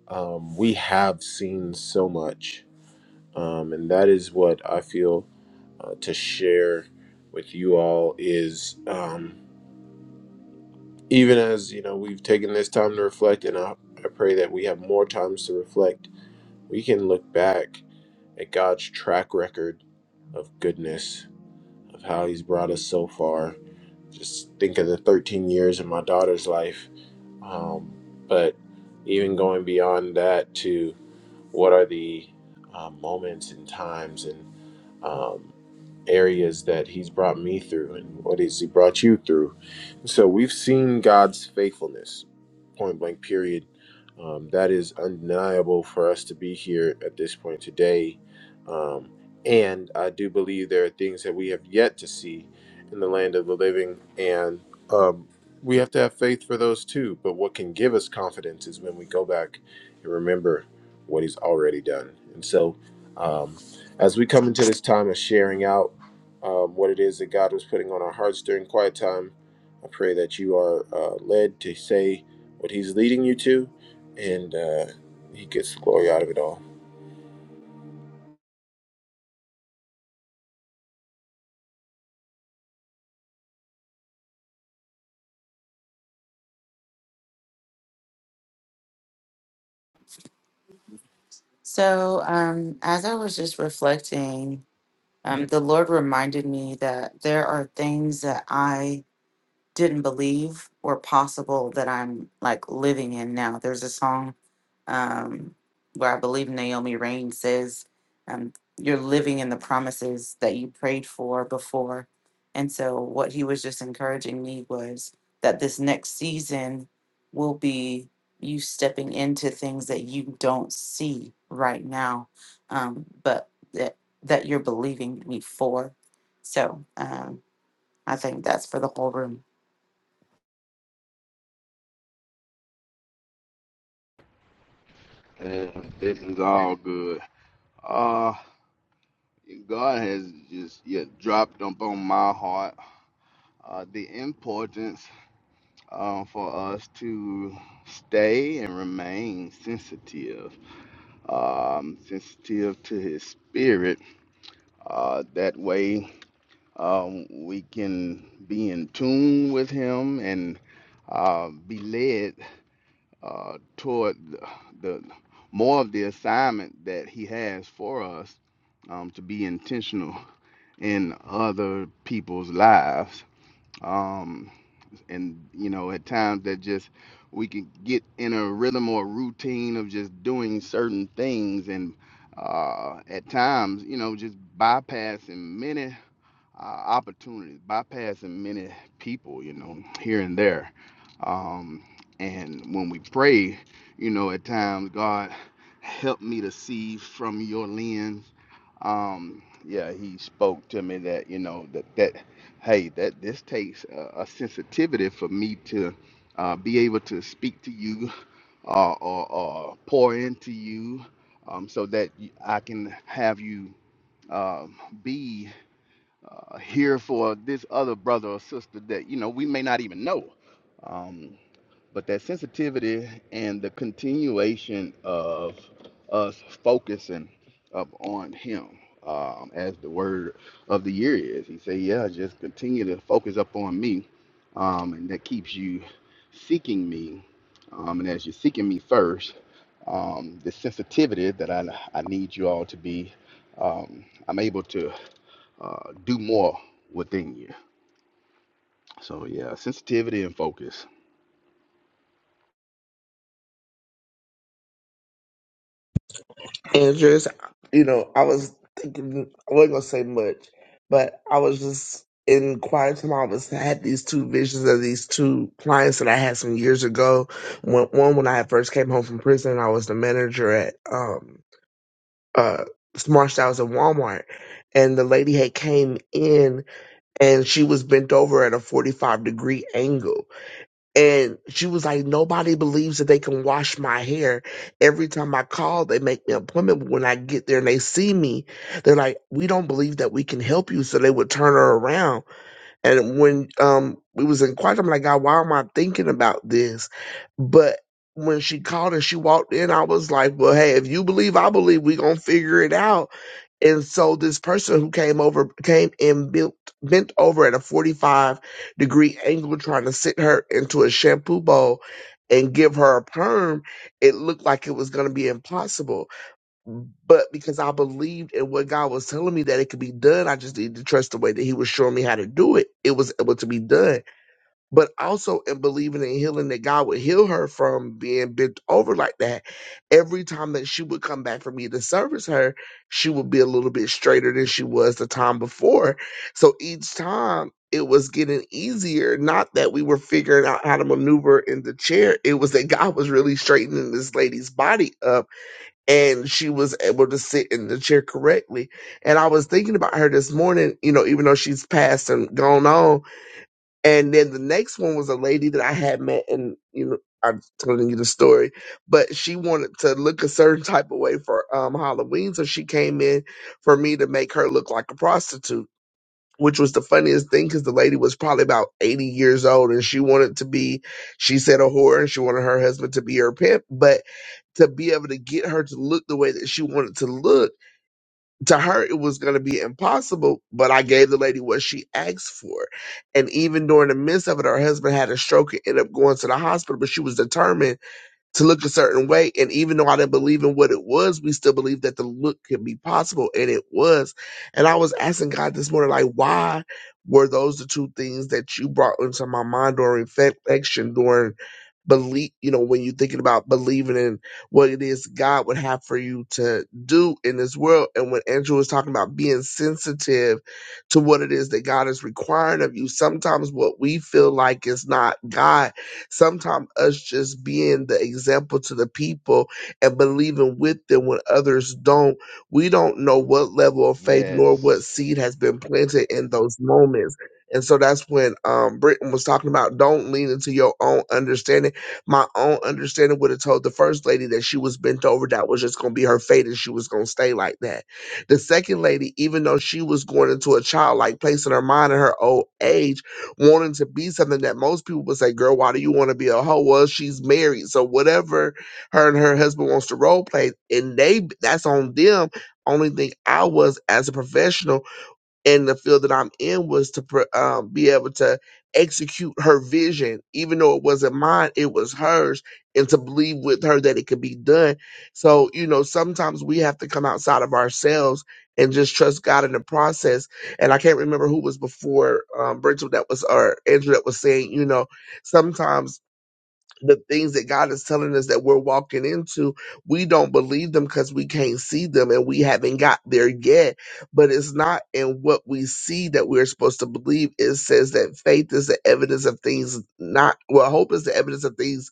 Um, we have seen so much, um, and that is what I feel uh, to share with you all is um, even as you know we've taken this time to reflect, and I, I pray that we have more times to reflect. We can look back at God's track record of goodness, of how He's brought us so far. Just think of the 13 years in my daughter's life, um, but even going beyond that to what are the um, moments and times and um, areas that he's brought me through and what has he brought you through so we've seen God's faithfulness, point blank, period. Um, that is undeniable for us to be here at this point today. Um, and I do believe there are things that we have yet to see in the land of the living. And um, we have to have faith for those too. But what can give us confidence is when we go back and remember what He's already done. And so um, as we come into this time of sharing out, um, what it is that God was putting on our hearts during quiet time I pray that you are uh, led to say what He's leading you to, and uh, He gets the glory out of it all.
So, um, as I was just reflecting Um, the Lord reminded me that there are things that I didn't believe were possible that I'm like living in now. There's a song um, where I believe Naomi Rain says, um, You're living in the promises that you prayed for before. And so, what he was just encouraging me was that this next season will be you stepping into things that you don't see right now, um, but that, that you're believing me for. So, um, I think that's for the whole room.
And this is all good. Uh, God has just yeah, dropped upon my heart uh, the importance uh, for us to stay and remain sensitive um, sensitive to his spirit. Uh, that way, um, we can be in tune with him and uh, be led uh, toward the, the more of the assignment that he has for us um, to be intentional in other people's lives. Um, and you know at times that just we can get in a rhythm or routine of just doing certain things and uh, at times you know just bypassing many uh, opportunities, bypassing many people, you know, here and there. Um, and when we pray, you know, at times, God, help me to see from your lens. Um, yeah, he spoke to me that, you know, that, that hey, that this takes a, a sensitivity for me to uh, be able to speak to you uh, or, or pour into you um, so that y- I can have you uh, be uh, here for this other brother or sister that you know we may not even know um, but that sensitivity and the continuation of us focusing up on him um, as the word of the year is he say yeah just continue to focus up on me um, and that keeps you seeking me um, and as you're seeking me first um, the sensitivity that I, I need you all to be um, i'm able to uh, do more within you. So yeah, sensitivity and focus.
And just, you know, I was thinking, I wasn't going to say much, but I was just in quiet time. I was I had these two visions of these two clients that I had some years ago. One, one when I had first came home from prison, I was the manager at um, uh, Smart Styles at Walmart. And the lady had came in and she was bent over at a 45 degree angle. And she was like, Nobody believes that they can wash my hair. Every time I call, they make me an appointment. But when I get there and they see me, they're like, We don't believe that we can help you. So they would turn her around. And when um we was in quiet, I'm like, God, why am I thinking about this? But when she called and she walked in, I was like, Well, hey, if you believe, I believe we gonna figure it out. And so this person who came over came and built bent over at a 45 degree angle trying to sit her into a shampoo bowl and give her a perm, it looked like it was gonna be impossible but because I believed in what God was telling me that it could be done, I just needed to trust the way that He was showing me how to do it. It was able to be done. But also in believing in healing that God would heal her from being bent over like that. Every time that she would come back for me to service her, she would be a little bit straighter than she was the time before. So each time it was getting easier. Not that we were figuring out how to maneuver in the chair. It was that God was really straightening this lady's body up and she was able to sit in the chair correctly. And I was thinking about her this morning, you know, even though she's passed and gone on. And then the next one was a lady that I had met, and you know, I'm telling you the story, but she wanted to look a certain type of way for um, Halloween, so she came in for me to make her look like a prostitute which was the funniest thing because the lady was probably about 80 years old and she wanted to be, she said a whore and she wanted her husband to be her pimp. But to be able to get her to look the way that she wanted to look, to her, it was going to be impossible. But I gave the lady what she asked for. And even during the midst of it, her husband had a stroke and ended up going to the hospital, but she was determined to look a certain way. And even though I didn't believe in what it was, we still believed that the look could be possible, and it was. And I was asking God this morning, like, why were those the two things that you brought into my mind during reflection, during believe, you know, when you're thinking about believing in what it is God would have for you to do in this world? And when Andrew was talking about being sensitive to what it is that God is requiring of you, sometimes what we feel like is not God Sometimes us just being the example to the people and believing with them when others don't, we don't know what level of faith nor what
Yes.
seed has been planted in those moments. And so that's when um, Britain was talking about don't lean into your own understanding. My own understanding would have told the first lady that she was bent over, that was just going to be her fate and she was going to stay like that. The second lady, even though she was going into a childlike place in her mind in her old age, wanting to be something that most people would say, girl, why do you want to be a hoe? Well, she's married. So whatever her and her husband wants to role play, and they that's on them. Only thing I was as a professional in the field that I'm in was to pr- um, be able to execute her vision, even though it wasn't mine, it was hers, and to believe with her that it could be done. So, you know, sometimes we have to come outside of ourselves and just trust God in the process. And I can't remember who was before um, Rachel that was, or Andrew that was saying, you know, sometimes the things that God is telling us that we're walking into, we don't believe them because we can't see them and we haven't got there yet. But it's not in what we see that we're supposed to believe. It says that faith is the evidence of things not, well, hope is the evidence of things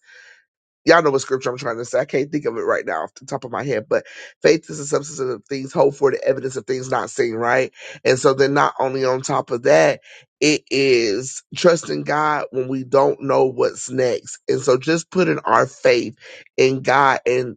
y'all know what scripture I'm trying to say. I can't think of it right now off the top of my head, but faith is the substance of things hoped for, the evidence of things not seen, right? And so then not only on top of that, it is trusting God when we don't know what's next. And so just putting our faith in God and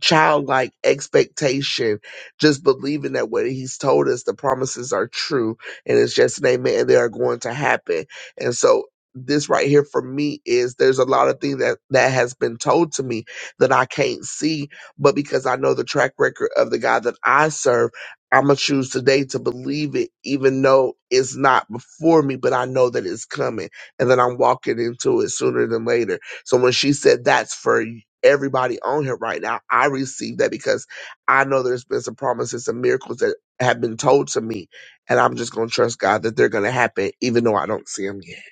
childlike expectation, just believing that what he's told us, the promises are true, and it's just an amen, and they are going to happen. And so this right here for me is there's a lot of things that that has been told to me that I can't see, but because I know the track record of the God that I serve, I'm gonna choose today to believe it, even though it's not before me, but I know that it's coming and that I'm walking into it sooner than later. So when she said that's for everybody on here right now, I received that because I know there's been some promises and miracles that have been told to me, and I'm just gonna trust God that they're gonna happen, even though I don't see them yet.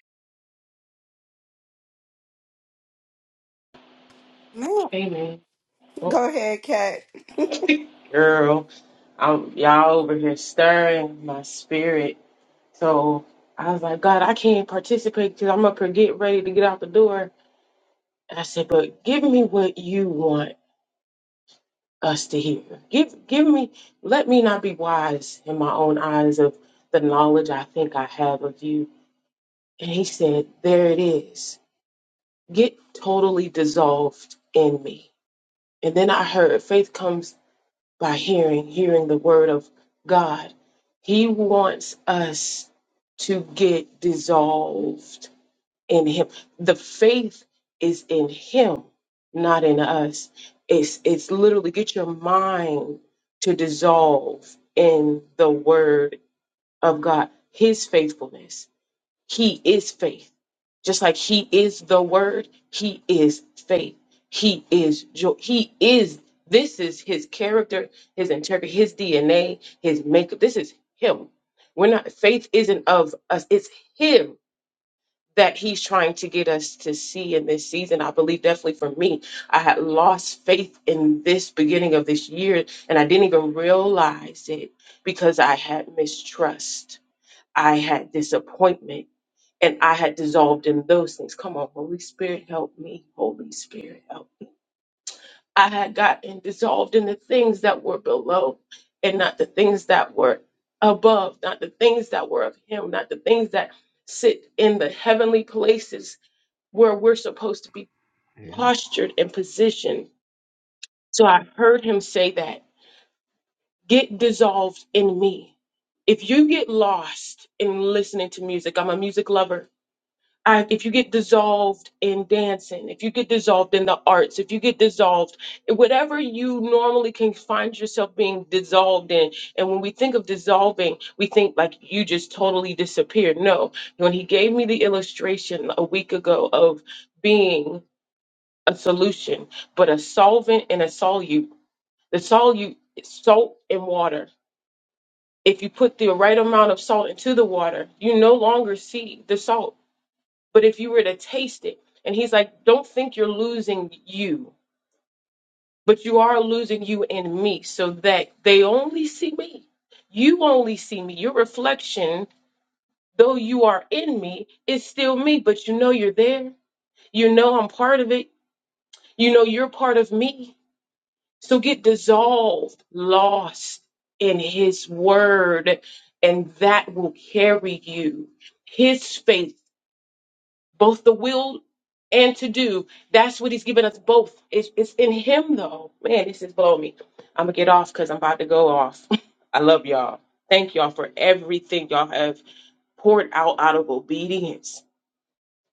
Man,
Amen. Oh,
go ahead, Kat.
girl, I'm y'all over here stirring my spirit. So I was like, God, I can't participate because I'm up here getting ready to get out the door. And I said, but give me what you want us to hear. Give, give me. Let me not be wise in my own eyes of the knowledge I think I have of you. And He said, there it is. Get totally dissolved in me. And then I heard faith comes. by hearing, hearing the word of God. He wants us to get dissolved in Him. The faith is in Him, not in us. It's it's literally get your mind to dissolve in the word of God, His faithfulness. He is faith. Just like He is the Word, He is faith, He is joy, He is. This is His character, His integrity, His DNA, His makeup. This is Him. We're not. Faith isn't of us. It's Him that He's trying to get us to see in this season. I believe definitely for me, I had lost faith in this beginning of this year, and I didn't even realize it because I had mistrust. I had disappointment and I had dissolved in those things. Come on, Holy Spirit, help me. Holy Spirit, help me. I had gotten dissolved in the things that were below and not the things that were above, not the things that were of Him, not the things that sit in the heavenly places where we're supposed to be
Yeah.
postured and positioned. So I heard Him say that get dissolved in me. If you get lost in listening to music, I'm a music lover I, if you get dissolved in dancing, if you get dissolved in the arts, if you get dissolved, in whatever you normally can find yourself being dissolved in. And when we think of dissolving, we think like you just totally disappeared. No, when he gave me the illustration a week ago of being a solution, but a solvent and a solute, the solute is salt and water. If you put the right amount of salt into the water, you no longer see the salt but if you were to taste it, and he's like, don't think you're losing you, but you are losing you and me so that they only see me. You only see me. Your reflection, though you are in me, is still me, but you know you're there. You know I'm part of it. You know you're part of me. So get dissolved, lost in his word, and that will carry you. His space. both the will and to do. That's what he's given us both. It's, it's in him though. Man, this is blowing me. I'm gonna get off because I'm about to go off. I love y'all. Thank y'all for everything y'all have poured out out of obedience.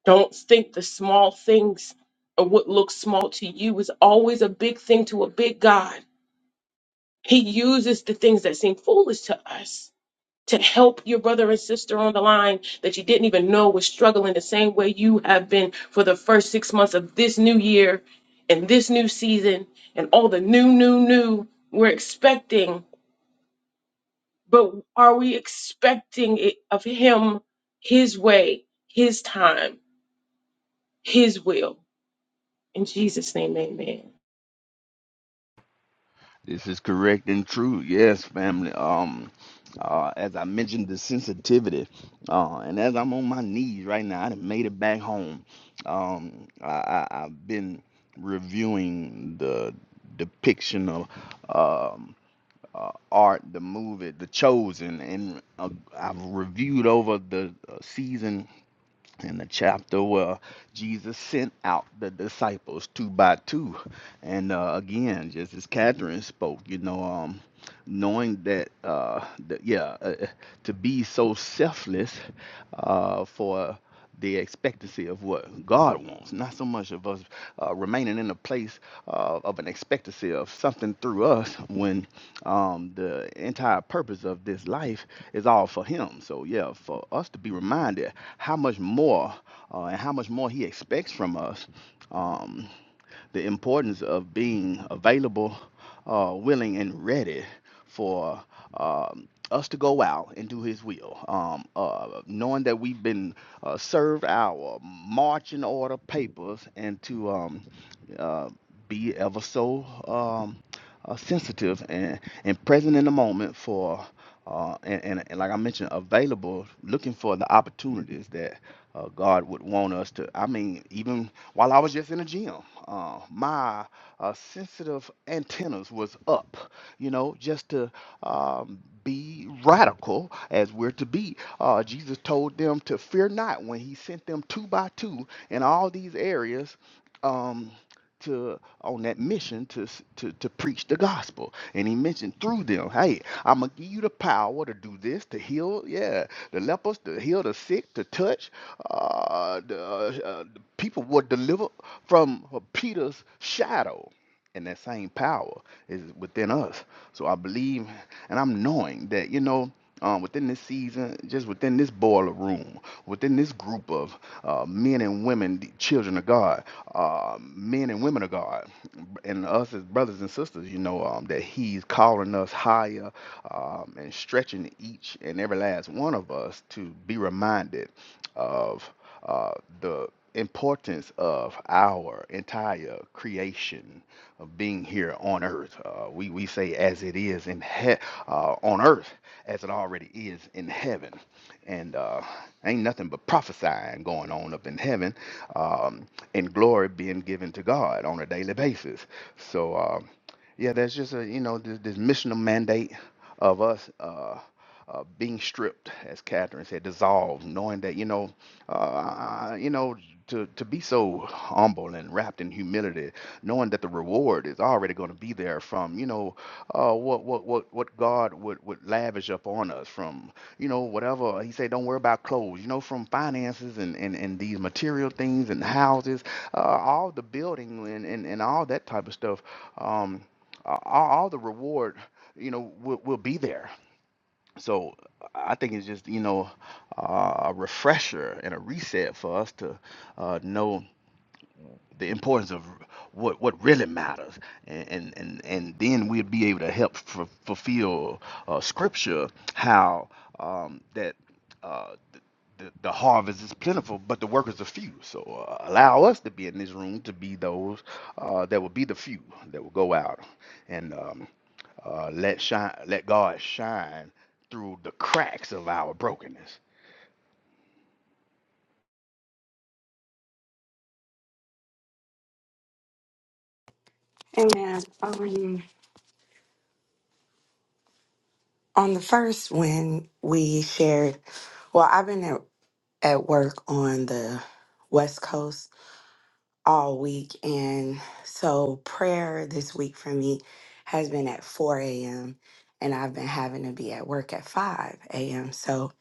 Don't think the small things or what looks small to you is always a big thing to a big God. He uses the things that seem foolish to us to help your brother and sister on the line that you didn't even know was struggling the same way you have been for the first six months of this new year and this new season and all the new, new, new we're expecting. But are we expecting it of Him, His way, His time, His will? In Jesus' name, amen.
This is correct and true. Yes, family. Um uh, as I mentioned the sensitivity. Uh and as I'm on my knees right now, I done made it back home. Um I, I I've been reviewing the depiction of um uh, art, the movie, The Chosen, and uh, I've reviewed over the uh, season in the chapter where Jesus sent out the disciples two by two. And uh, again, just as Catherine spoke, you know, um, knowing that, uh, that yeah, uh, to be so selfless uh, for the expectancy of what God wants, not so much of us uh, remaining in a place uh, of an expectancy of something through us when um, the entire purpose of this life is all for Him. So, yeah, for us to be reminded how much more uh, and how much more He expects from us. Um, the importance of being available, uh, willing, and ready for um, us to go out and do His will. Um, uh, knowing that we've been uh, served our marching order papers and to um, uh, be ever so um, uh, sensitive and, and present in the moment for. Uh, and, and, and like I mentioned, available, looking for the opportunities that uh, God would want us to. I mean, even while I was just in the gym, uh, my uh, sensitive antennas was up, you know, just to um, be radical as we're to be. Uh, Jesus told them to fear not when he sent them two by two in all these areas um, to on that mission to, s- to to preach the gospel. And he mentioned through them, hey, I'm gonna give you the power to do this, to heal, yeah, the lepers, to heal the sick, to touch uh, the, uh, the people were delivered from Peter's shadow and that same power is within us. So I believe, and I'm knowing that you know, um, within this season, just within this boiler room, within this group of uh, men and women, the children of God, uh, men and women of God, and us as brothers and sisters, you know, um, that He's calling us higher um, and stretching each and every last one of us to be reminded of uh, the importance of our entire creation of being here on earth. Uh, we, we say as it is in he- uh, on earth as it already is in heaven. And uh, ain't nothing but prophesying going on up in heaven um, and glory being given to God on a daily basis. So, um, yeah, that's just a, you know, this, this missional mandate of us uh, uh, being stripped, as Catherine said, dissolved, knowing that, you know, uh, you know, to, to be so humble and wrapped in humility, knowing that the reward is already going to be there from, you know, uh, what, what, what, what God would, would lavish upon us from, you know, whatever he said, don't worry about clothes, you know, from finances and, and, and these material things and houses, uh, all the building and, and, and all that type of stuff. Um, a- all, all the reward, you know, will, will be there so I think it's just, you know, uh, a refresher and a reset for us to uh, know the importance of what what really matters, and and and, and then we'll be able to help f- fulfill uh, Scripture how um, that. Uh, the, the harvest is plentiful, but the workers are few. So uh, allow us to be in this room to be those uh, that will be the few that will go out and um, uh, let shine, let God shine through the cracks of our brokenness.
Amen. Over to you. On the first, when we shared, well, I've been at, at work on the West Coast all week. And so prayer this week for me has been at 4 a.m. And I've been having to be at work at 5 a.m. So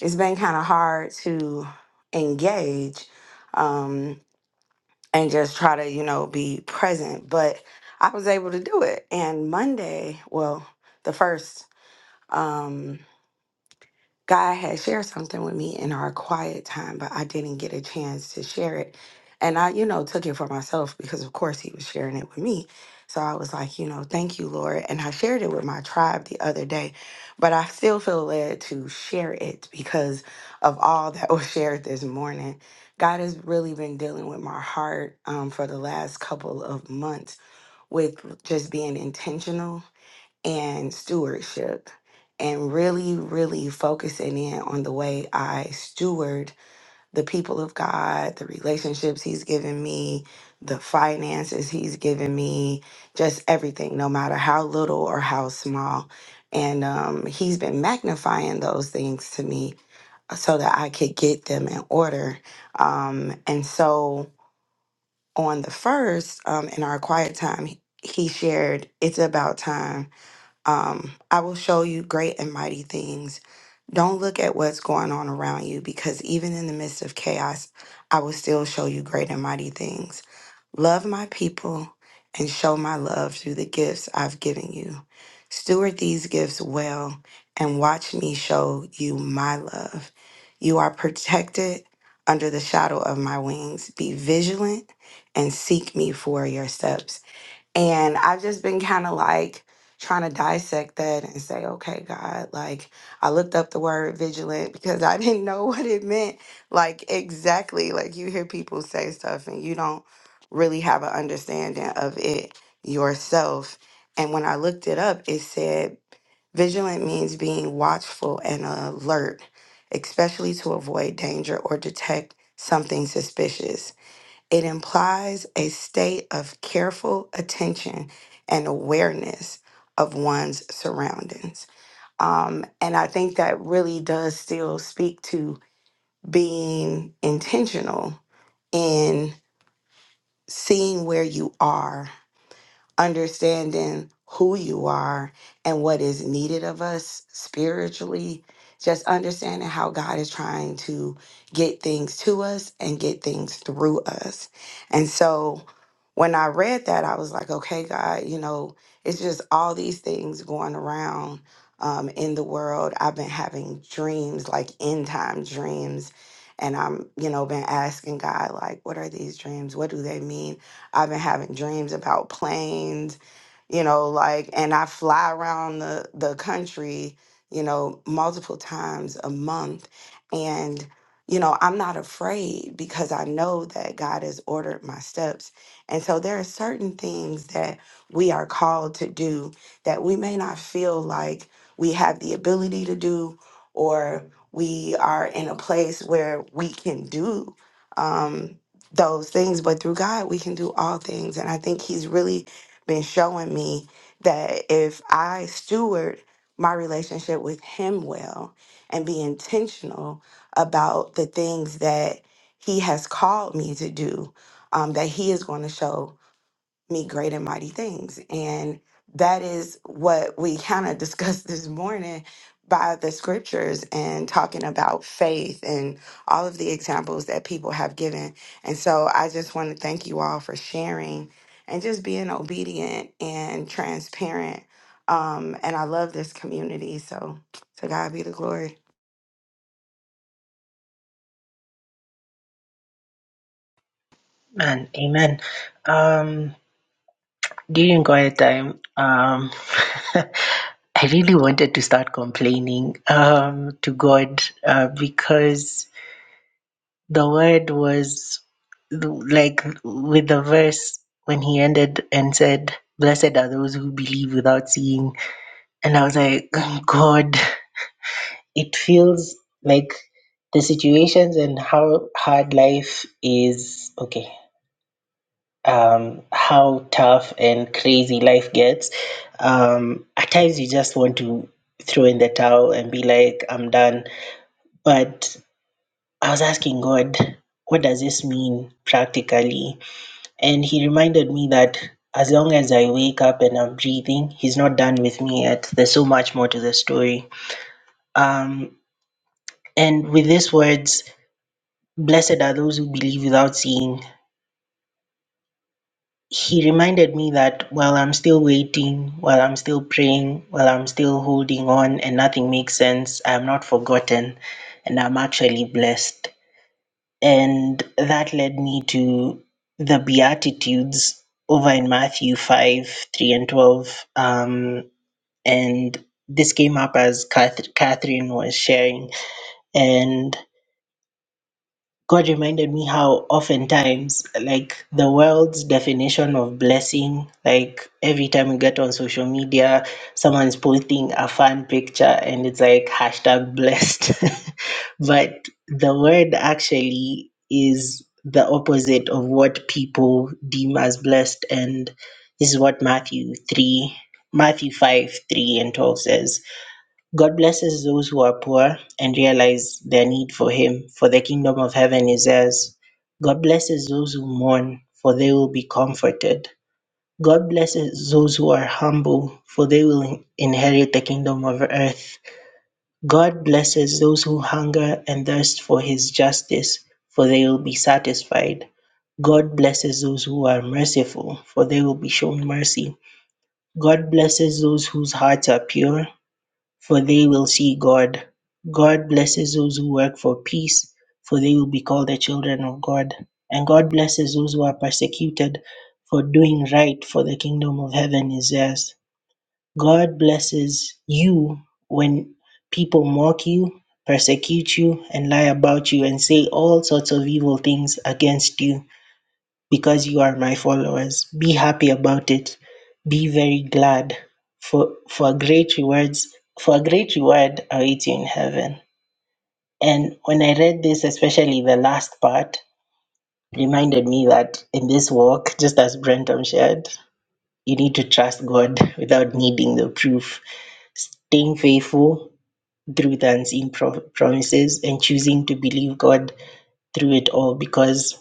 it's been kind of hard to engage um, and just try to, you know, be present. But I was able to do it. And Monday, well, the first. um, God had shared something with me in our quiet time, but I didn't get a chance to share it. And I, you know, took it for myself because, of course, he was sharing it with me. So I was like, you know, thank you, Lord. And I shared it with my tribe the other day, but I still feel led to share it because of all that was shared this morning. God has really been dealing with my heart um, for the last couple of months with just being intentional and stewardship and really, really focusing in on the way I steward the people of God, the relationships He's given me, the finances He's given me, just everything, no matter how little or how small. And um, He's been magnifying those things to me uh, so that I could get them in order. Um, and so on the first, um, in our quiet time, He shared, It's about time um, I will show you great and mighty things. Don't look at what's going on around you because even in the midst of chaos, I will still show you great and mighty things. Love my people and show my love through the gifts I've given you. Steward these gifts well and watch me show you my love. You are protected under the shadow of my wings. Be vigilant and seek me for your steps. And I've just been kind of like trying to dissect that and say, okay, God, like I looked up the word vigilant because I didn't know what it meant. Like, exactly. Like, you hear people say stuff and you don't really have an understanding of it yourself. And when I looked it up, it said vigilant means being watchful and alert, especially to avoid danger or detect something suspicious. It implies a state of careful attention and awareness of one's surroundings. Um, and I think that really does still speak to being intentional in seeing where you are understanding who you are and what is needed of us spiritually, just understanding how God is trying to get things to us and get things through us. And so when I read that, I was like, okay, God, you know, it's just all these things going around um, in the world. I've been having dreams, like end time dreams. And I'm, you know, been asking God, like, what are these dreams? What do they mean? I've been having dreams about planes, you know, like, and I fly around the, the country, you know, multiple times a month. And, you know, I'm not afraid because I know that God has ordered my steps. And so there are certain things that we are called to do that we may not feel like we have the ability to do or we are in a place where we can do. um, those things, but through God, we can do all things. And I think He's really been showing me that if I steward my relationship with Him well and be intentional about the things that He has called me to do, um, that He is going to show me great and mighty things. And that is what we kind of discussed this morning by the scriptures and talking about faith and all of the examples that people have given. And so I just want to thank you all for sharing and just being obedient and transparent. Um, and I love this community. So to God be the glory.
Man, amen. Um, during quiet time, um, I really wanted to start complaining um, to God uh, because the word was like with the verse when he ended and said, Blessed are those who believe without seeing. And I was like, God, it feels like the situations and how hard life is okay um how tough and crazy life gets um at times you just want to throw in the towel and be like i'm done but i was asking god what does this mean practically and he reminded me that as long as i wake up and i'm breathing he's not done with me yet there's so much more to the story um and with these words Blessed are those who believe without seeing. He reminded me that while I'm still waiting, while I'm still praying, while I'm still holding on and nothing makes sense, I'm not forgotten and I'm actually blessed. And that led me to the Beatitudes over in Matthew 5 3 and 12. Um, and this came up as Cath- Catherine was sharing. And God reminded me how oftentimes, like the world's definition of blessing, like every time we get on social media, someone's posting a fun picture and it's like hashtag blessed. but the word actually is the opposite of what people deem as blessed. And this is what Matthew 3, Matthew 5, 3 and 12 says. God blesses those who are poor and realize their need for Him, for the kingdom of heaven is theirs. God blesses those who mourn, for they will be comforted. God blesses those who are humble, for they will inherit the kingdom of earth. God blesses those who hunger and thirst for His justice, for they will be satisfied. God blesses those who are merciful, for they will be shown mercy. God blesses those whose hearts are pure for they will see God. God blesses those who work for peace, for they will be called the children of God. And God blesses those who are persecuted for doing right, for the kingdom of heaven is theirs. God blesses you when people mock you, persecute you, and lie about you, and say all sorts of evil things against you because you are my followers. Be happy about it. Be very glad for for great rewards for a great reward awaits you in heaven. And when I read this, especially the last part, reminded me that in this walk, just as Brenton shared, you need to trust God without needing the proof. Staying faithful through the unseen pro- promises and choosing to believe God through it all because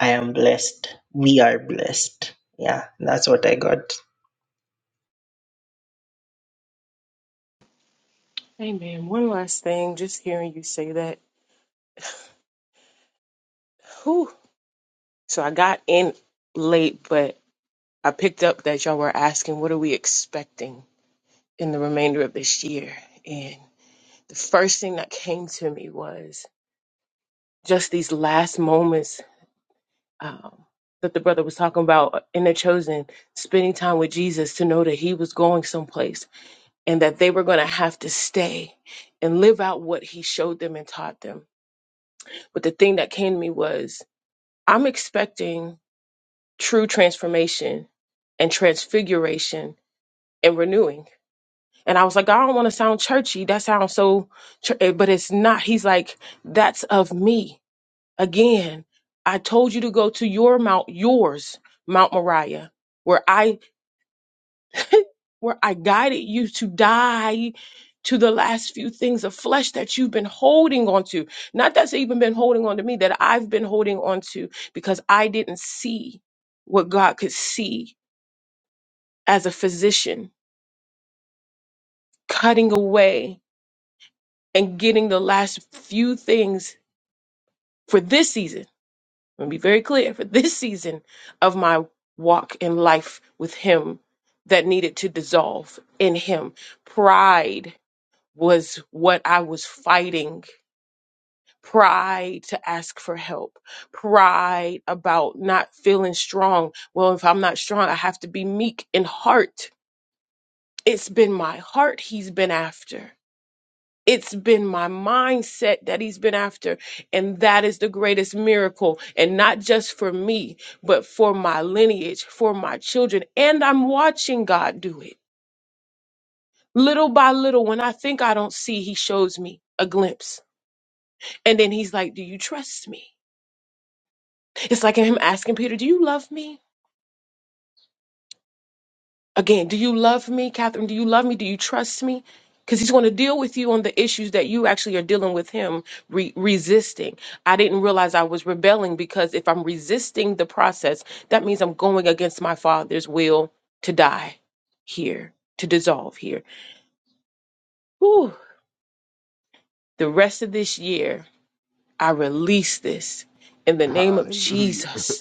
I am blessed. We are blessed. Yeah, that's what I got.
Amen. One last thing, just hearing you say that. Whew. So I got in late, but I picked up that y'all were asking, what are we expecting? in the remainder of this year. And the first thing that came to me was just these last moments um, that the brother was talking about in the chosen, spending time with Jesus to know that he was going someplace and that they were going to have to stay and live out what he showed them and taught them. But the thing that came to me was I'm expecting true transformation and transfiguration and renewing And I was like, I don't want to sound churchy. That sounds so, chur- eh, but it's not. He's like, that's of me. Again, I told you to go to your mount, yours, Mount Moriah, where I, where I guided you to die to the last few things of flesh that you've been holding on to. Not that's even been holding on to me, that I've been holding on to because I didn't see what God could see as a physician cutting away and getting the last few things for this season. I'm gonna be very clear for this season of my walk in life with Him that needed to dissolve in Him. Pride was what I was fighting. Pride to ask for help. Pride about not feeling strong. Well, if I'm not strong, I have to be meek in heart. It's been my heart He's been after it's been my mindset that he's been after. And that is the greatest miracle. And not just for me, but for my lineage, for my children. And I'm watching God do it little by little. When I think I don't see, he shows me a glimpse. And then he's like, Do you trust me? It's like him asking Peter, Do you love me? Again, do you love me, Catherine? Do you love me? Do you trust me? Because he's going to deal with you on the issues that you actually are dealing with him re- resisting. I didn't realize I was rebelling because if I'm resisting the process, that means I'm going against my father's will to die here, to dissolve here. Whew. The rest of this year, I release this in the name of
Hallelujah.
Jesus.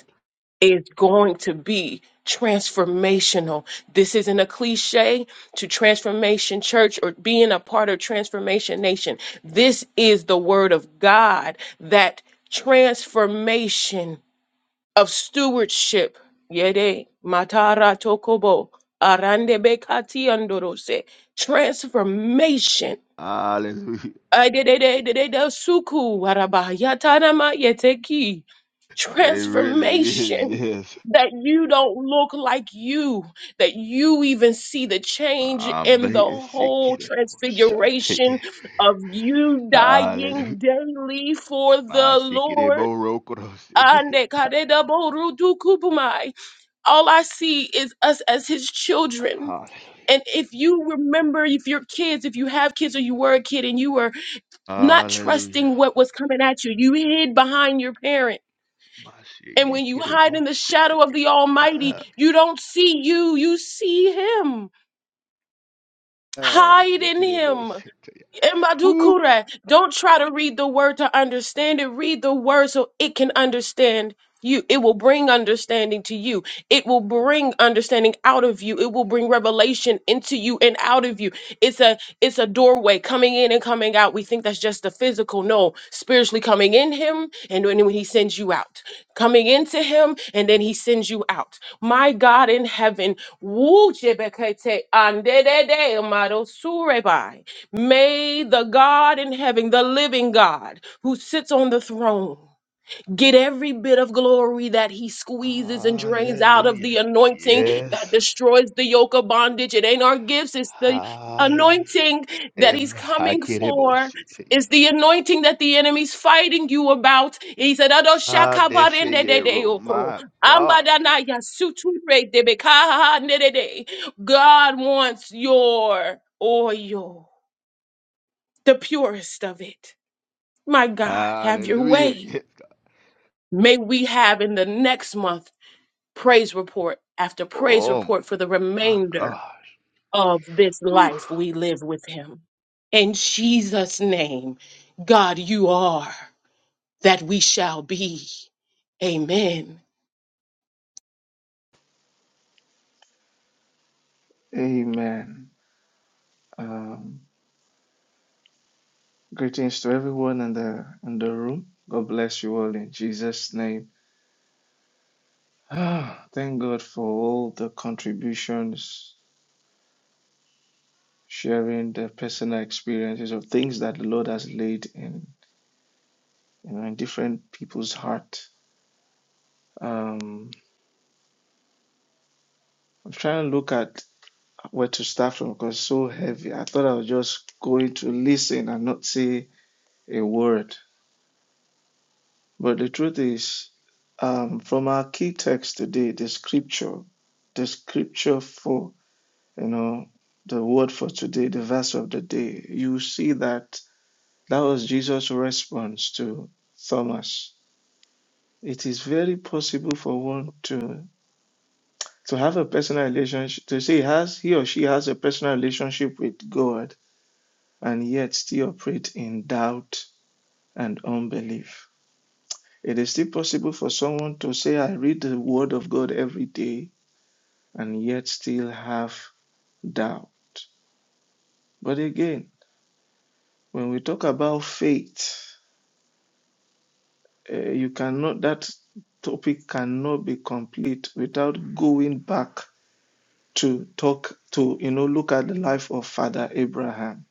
is going to be transformational. This isn't a cliche to Transformation Church or being a part of Transformation Nation. This is the word of God that transformation of stewardship. Yede matara tokobo arande bekati andorose. Transformation
Hallelujah.
Adedededededasuku waraba yatarama yeteki.
It really is,
Transformation
yes.
that you don't look like you, that you even see the change
I'm
in the
sick
whole
of it. Shate.
transfiguration of you
Hallelujah.
dying daily for
My
the
sick it,
Lord. Ande kadedaborutukupumai. All I see is us as his children.
Hallelujah.
And if you remember, if your kids, if you have kids or you were a kid and you were not
Hallelujah.
trusting what was coming at you. You hid behind your parent. And when you hide in the
Mashiachiribosete.
shadow of the Almighty,
Ah,
you don't see you, you see Him.
ah,
Hide in Him.
sikiribosete.
In
Ooh.
Madhukura, don't try to read the word to understand it. Read the word so it can understand you. It will bring understanding to you. It will bring understanding out of you. It will bring revelation into you and out of you. It's a it's a doorway coming in and coming out. We think that's just the physical. No, spiritually coming in him and when, when he sends you out. Coming into him and then he sends you out. My God in heaven, woo jebekete andedede amado surebai. May the God in heaven, the living God who sits on the throne, get every bit of glory that he squeezes and drains out of
Hallelujah.
the anointing that
Yes.
destroys the yoke of bondage. It ain't our gifts, it's the
Hallelujah.
anointing that he's
And
coming for.
hakiribosete.
It's the anointing that the enemy's fighting you about. He said, "Ado
Ah, they say,
shakabarende
yeah,
de de
ro-
oko.
my gosh.
Ambadana yasuture de bekaha nede God wants your oil the purest of it. My God, have your
Hallelujah.
way.
Yes.
May we have in the next month praise report after praise
Oh,
report for the
my
remainder
God.
of this
Ooh.
life we live with Him. In Jesus' name, God, you are that we shall be. Amen.
Amen. Um, greetings to everyone in the in the room. God bless you all in Jesus' name. Ah, thank God for all the contributions, sharing the personal experiences of things that the Lord has laid in you know in different people's heart. Um, I'm trying to look at where to start from because it's so heavy. I thought I was just going to listen and not say a word. But the truth is, um, from our key text today, the scripture, the scripture for, you know, the word for today, the verse of the day, you see that that was Jesus' response to Thomas. It is very possible for one to to have a personal relationship, to say he has he or she has a personal relationship with God and yet still operate in doubt and unbelief It is still possible for someone to say, I read the Word of God every day, and yet still have doubt. But again, when we talk about faith, eh, you cannot, that topic cannot be complete without going back to talk to, you know, look at the life of Father Abraham,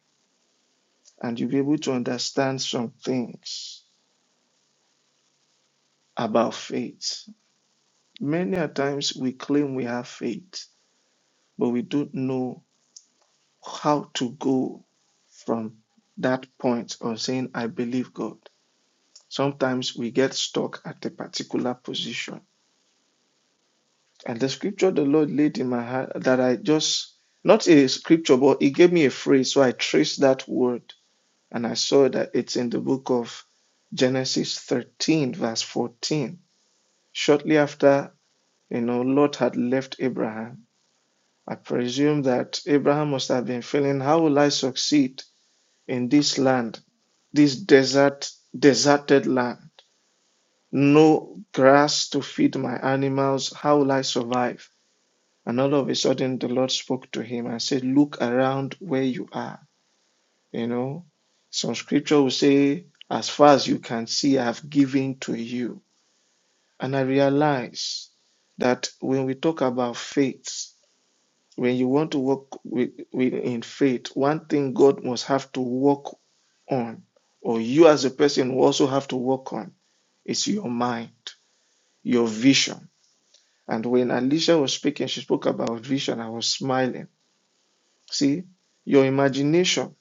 and you'll be able to understand some things about faith. Many a times we claim we have faith, but we don't know how to go from that point of saying, I believe God. Sometimes we get stuck at a particular position. And the scripture the Lord laid in my heart that I just, not a scripture, but He gave me a phrase. So I traced that word and I saw that it's in the book of Genesis 13, verse 14. Shortly after, you know, Lot had left Abraham. I presume that Abraham must have been feeling, How will I succeed in this land? this desert, deserted land. No grass to feed my animals. How will I survive? And all of a sudden, the Lord spoke to him and said, Look around where you are. You know, some scripture will say, As far as you can see, I have given to you. And I realize that when we talk about faith, when you want to walk with, with in faith, one thing God must have to work on, or you as a person will also have to work on It's your mind, your vision. And when Alicia was speaking, she spoke about vision. I was smiling. See, your imagination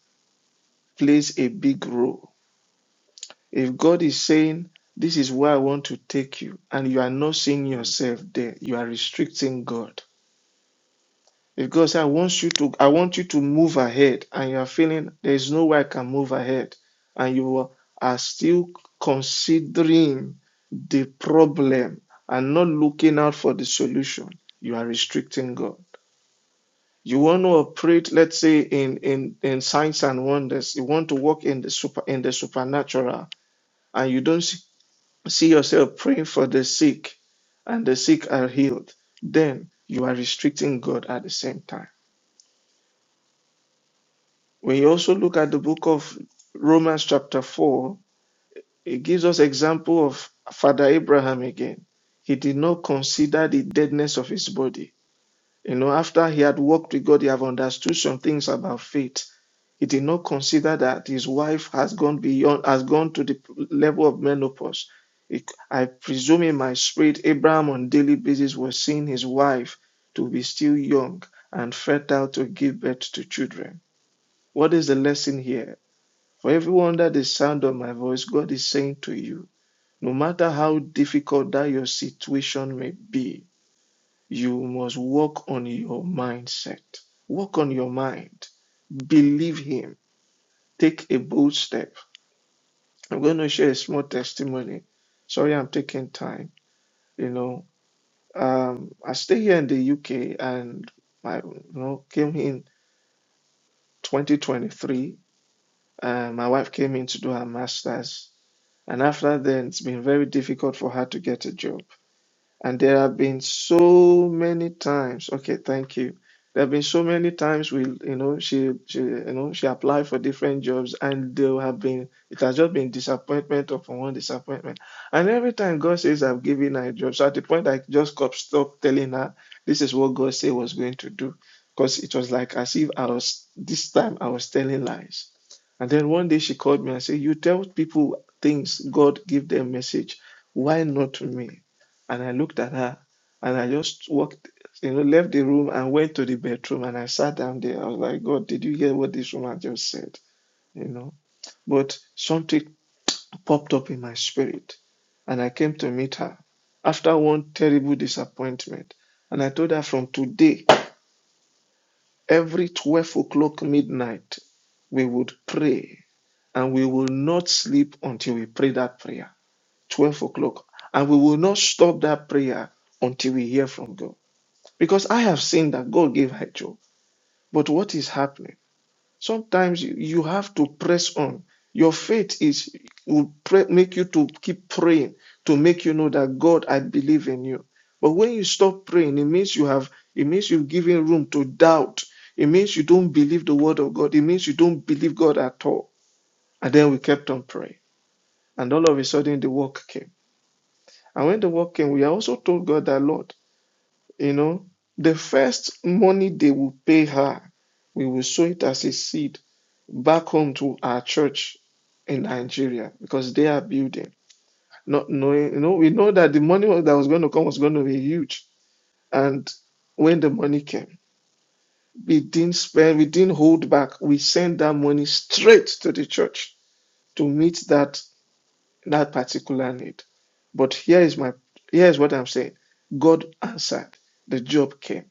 plays a big role. If God is saying, This is where I want to take you, and you are not seeing
Mm.
yourself there, you are restricting God. If God says I want you to, I want you to move ahead, and you are feeling there is no way I can move ahead, and you are still considering the problem and not looking out for the solution, you are restricting God. You want to operate, let's say, in in in signs and wonders. You want to walk in the super in the supernatural, and you don't see, see yourself praying for the sick, and the sick are healed. Then you are restricting God at the same time When you also look at the book of Romans chapter 4, it gives us example of Father Abraham again. He did not consider the deadness of his body. You know, after he had walked with God, he have understood some things about faith. He did not consider that his wife has gone beyond, has gone to the level of menopause. It- I presume in my spirit, Abraham on a daily basis was seeing his wife to be still young and fertile to give birth to children. What is the lesson here? For everyone that the sound of my voice, God is saying to you, no matter how difficult that your situation may be, you must work on your mindset. Work on your mind. Believe Him. Take a bold step. I'm going to share a small testimony. Sorry, I'm taking time. You know, um, I stay here in the UK and I you know, came in 2023. Uh, my wife came in to do her master's And after then, it's been very difficult for her to get a job. And there have been so many times. Okay, thank you. There have been so many times we, you know, she, she, you know, she applied for different jobs, and there have been it has just been disappointment upon one disappointment. And every time God says, "I've given her a job," so at the point I just stopped, stopped telling her this is what God said was going to do, because it was like as if I was this time I was telling lies. And then one day she called me and said, "You tell people things, God give them message. Why not to me?" And I looked at her and I just walked, you know, left the room and went to the bedroom and I sat down there. I was like, God, did you hear what this woman just said? You know, but something popped up in my spirit and I came to meet her after one terrible disappointment. And I told her from today, every 12 o'clock midnight, we would pray and we will not sleep until we pray that prayer, 12 o'clock. And we will not stop that prayer until we hear from God. Because I have seen that God gave her job. But what is happening? Sometimes you you have to press on. Your faith is will pray, make you to keep praying to make you know that God, I believe in you. But when you stop praying, it means you have it means you've given room to doubt. It means you don't believe the word of God. It means you don't believe God at all. And then we kept on praying. And all of a sudden the work came. And when the work came, we also told God that Lord. You know, the first money they will pay her, we will sow it as a seed back home to our church in Nigeria because they are building. Not knowing, you know, we know that the money that was going to come was going to be huge. And when the money came, we didn't spend, we didn't hold back. We sent that money straight to the church to meet that that particular need. But here is my here is what I'm saying. God answered. The job came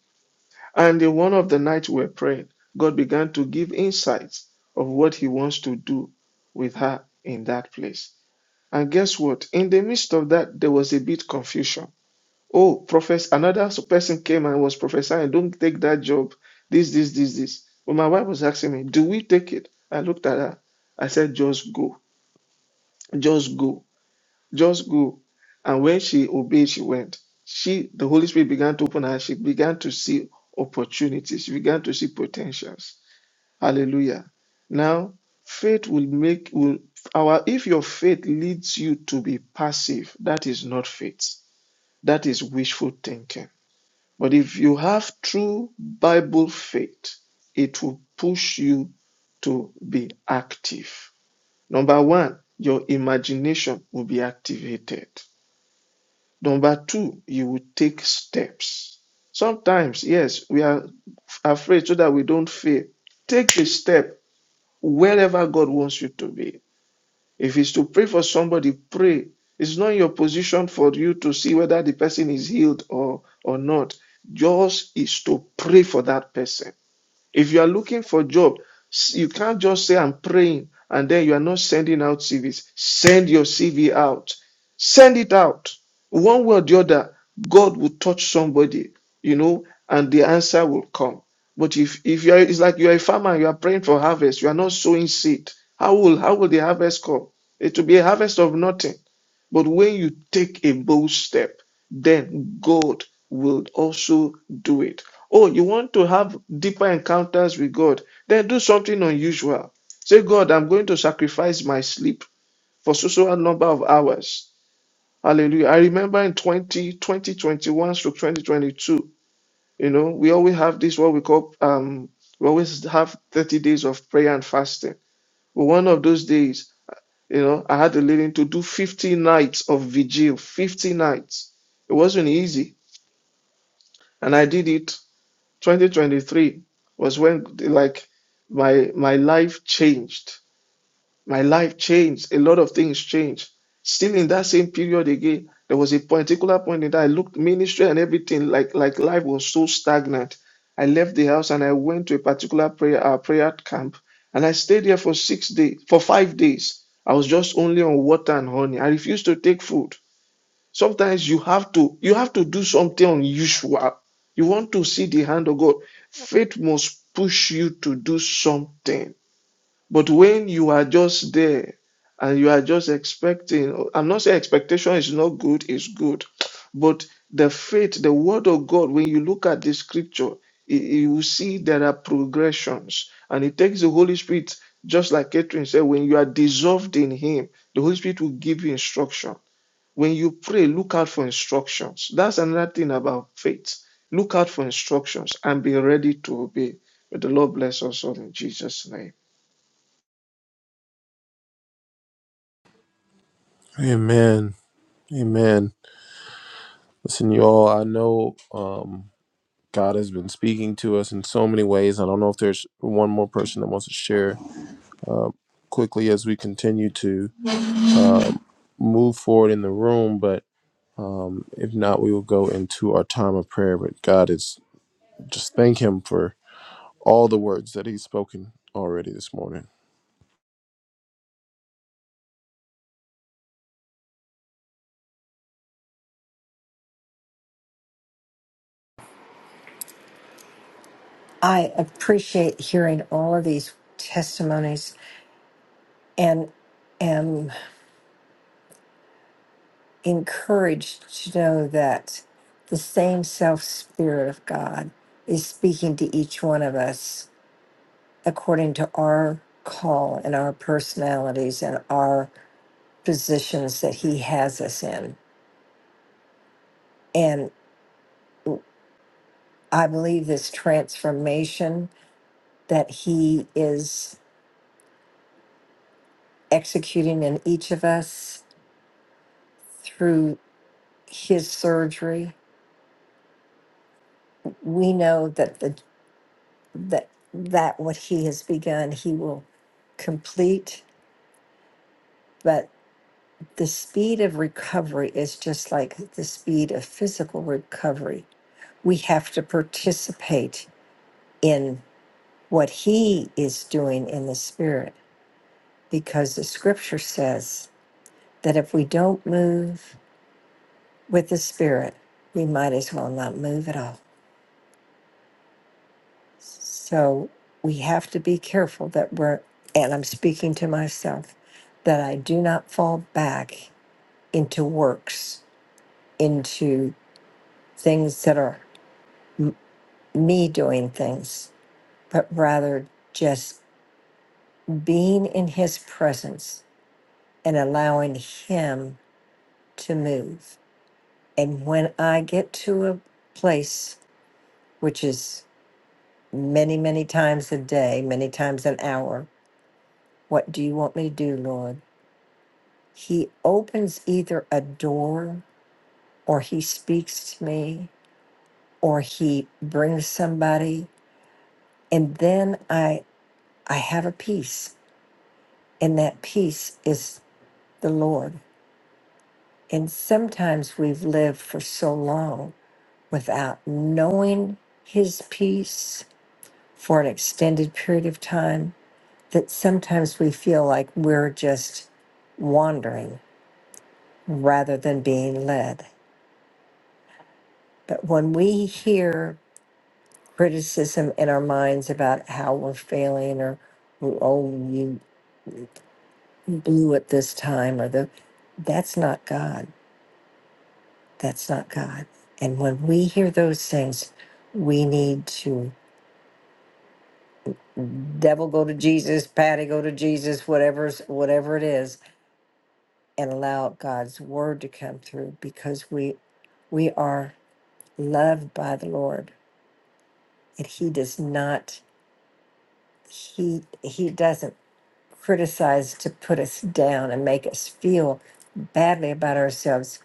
And in one of the nights we were praying, God began to give insights of what He wants to do with her in that place. And guess what? In the midst of that, there was a bit confusion. Oh, profess another person came and was prophesying, don't take that job. This, this, this, this. But my wife was asking me, Do we take it? I looked at her. I said, Just go. Just go just go. And when she obeyed, she went. She, the Holy Spirit began to open her. She began to see opportunities. She began to see potentials. Hallelujah. Now, faith will make will our if your faith leads you to be passive, that is not faith. That is wishful thinking. But if you have true Bible faith, it will push you to be active. Number one, your imagination will be activated. Number two, you will take steps. Sometimes, yes, we are afraid so that we don't fail. Take a step wherever God wants you to be. If it's to pray for somebody, pray. It's not your position for you to see whether the person is healed or, or not. Yours is to pray for that person. If you are looking for a job, you can't just say I'm praying and then you are not sending out CVs. Send your CV out. Send it out. One way or the other, God will touch somebody, you know, and the answer will come. But if if you are it's like you are a farmer, and you are praying for harvest, you are not sowing seed. How will how will the harvest come? It will be a harvest of nothing. But when you take a bold step, then God will also do it. Oh, you want to have deeper encounters with God? Then do something unusual. Say, God, I'm going to sacrifice my sleep for so so a number of hours. Hallelujah. I remember in 20, 2021 to 2022, you know, we always have this, what we call, um, we always have 30 days of prayer and fasting. But one of those days, you know, I had the leading to do 50 nights of vigil, 50 nights. It wasn't easy. And I did it. 2023 was when like my my life changed my life changed. A lot of things changed. Still in that same period again, there was a particular point in that I looked ministry and everything like like life was so stagnant. I left the house and I went to a particular prayer uh, prayer camp and I stayed there for six days for five days. I was just only on water and honey. I refused to take food. Sometimes you have to you have to do something unusual. You want to see the hand of God. Faith must push you to do something but when you are just there and you are just expecting, I'm not saying expectation is not good, it's good. But the faith, the word of God, when you look at the scripture, y- you will see there are progressions. And it takes the Holy Spirit, just like Catherine said, when you are dissolved in Him, the Holy Spirit will give you instruction. When you pray, look out for instructions. That's another thing about faith. Look out for instructions and be ready to obey. May the Lord bless us all in Jesus' name.
Amen. Amen. Listen, you all, I know um, God has been speaking to us in so many ways. I don't know if there's one more person that wants to share quickly as we continue to move forward in the room, but um, if not, we will go into our time of prayer. But God is just thank Him for all the words that He's spoken already this morning.
I appreciate hearing all of these testimonies and am encouraged to know that the same self spirit of God is speaking to each one of us according to our call and our personalities and our positions that He has us in. And I believe this transformation that He is executing in each of us through His surgery we know that the that that what he has begun he will complete but the speed of recovery is just like the speed of physical recovery we have to participate in what he is doing in the spirit because the scripture says that if we don't move with the spirit we might as well not move at all So we have to be careful that we're, and I'm speaking to myself, that I do not fall back into works, into things that are m- me doing things, but rather just being in his presence and allowing him to move. And when I get to a place, which is many, many times a day, many times an hour, what do you want me to do, Lord? He opens either a door or he speaks to me or he brings somebody and then I I have a peace and that peace is the Lord. And sometimes we've lived for so long without knowing his peace for an extended period of time that sometimes we feel like we're just wandering rather than being led. But when we hear criticism in our minds about how we're failing or oh you blew it this time or the that's not god that's not god and when we hear those things we need to devil go to jesus patty go to jesus whatever's whatever it is and allow god's word to come through because we we are loved by the lord and he does not he he doesn't criticized to put us down and make us feel badly about ourselves.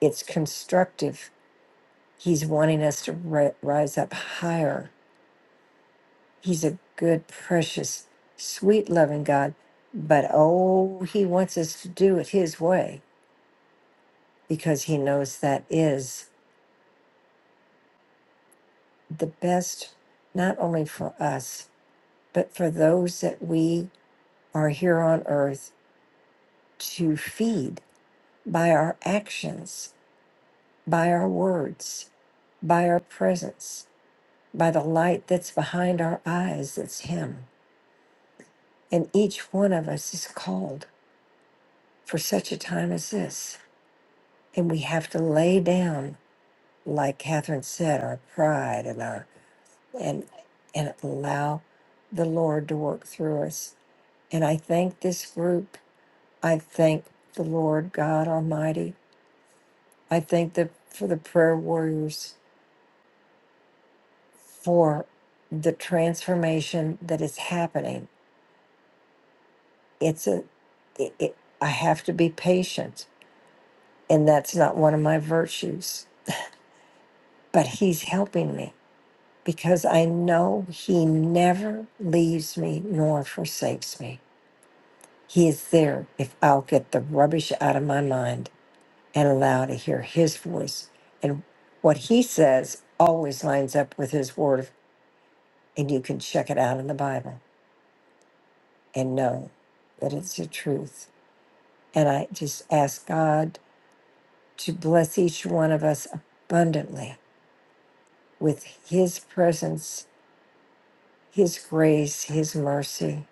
It's constructive. He's wanting us to ri- rise up higher. He's a good, precious, sweet, loving God. But oh, he wants us to do it his way because he knows that is the best, not only for us, but for those that we are here on earth to feed by our actions by our words, by our presence, by the light that's behind our eyes, that's Him. And each one of us is called for such a time as this. And we have to lay down, like Catherine said, our pride and our and and allow the Lord to work through us. And I thank this group. I thank the Lord God Almighty. I thank the for the prayer warriors for the transformation that is happening. It's a, it, it, I have to be patient, and that's not one of my virtues. But He's helping me because I know He never leaves me nor forsakes me. He is there if I'll get the rubbish out of my mind and allow to hear His voice. And what He says always lines up with His Word, and you can check it out in the Bible and know that it's the truth. And I just ask God to bless each one of us abundantly with His presence, His grace, His mercy,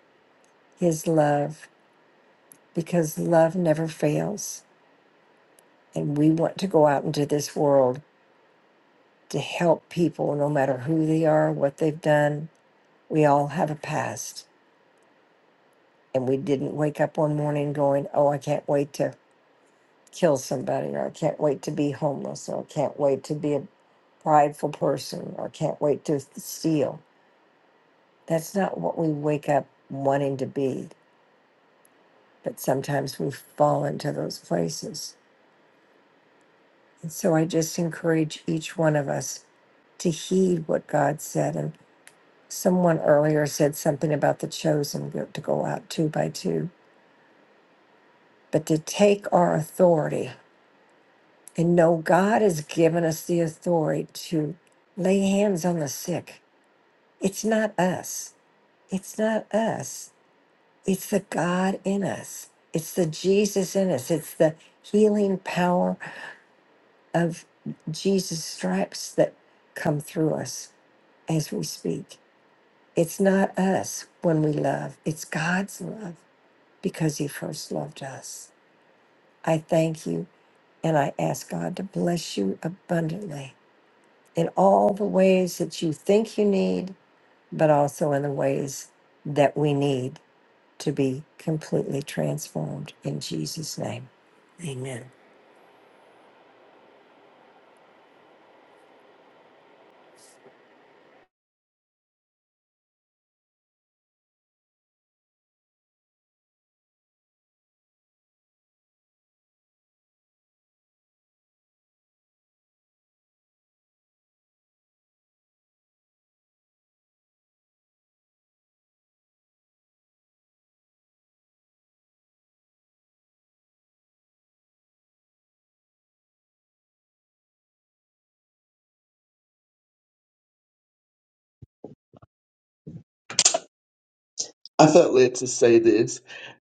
His love, because love never fails. And we want to go out into this world to help people, no matter who they are, what they've done. We all have a past. And we didn't wake up one morning going, Oh, I can't wait to kill somebody, or I can't wait to be homeless, or I can't wait to be a prideful person, or I can't wait to steal. That's not what we wake up wanting to be, but sometimes we fall into those places. And so I just encourage each one of us to heed what God said. And someone earlier said something about the chosen go- to go out two by two, but to take our authority and know God has given us the authority to lay hands on the sick It's not us. It's not us. It's the God in us. It's the Jesus in us. It's the healing power of Jesus' stripes that come through us as we speak. It's not us when we love, it's God's love because He first loved us. I thank you and I ask God to bless you abundantly in all the ways that you think you need, but also in the ways that we need to be completely transformed in Jesus' name. Amen.
I felt led to say this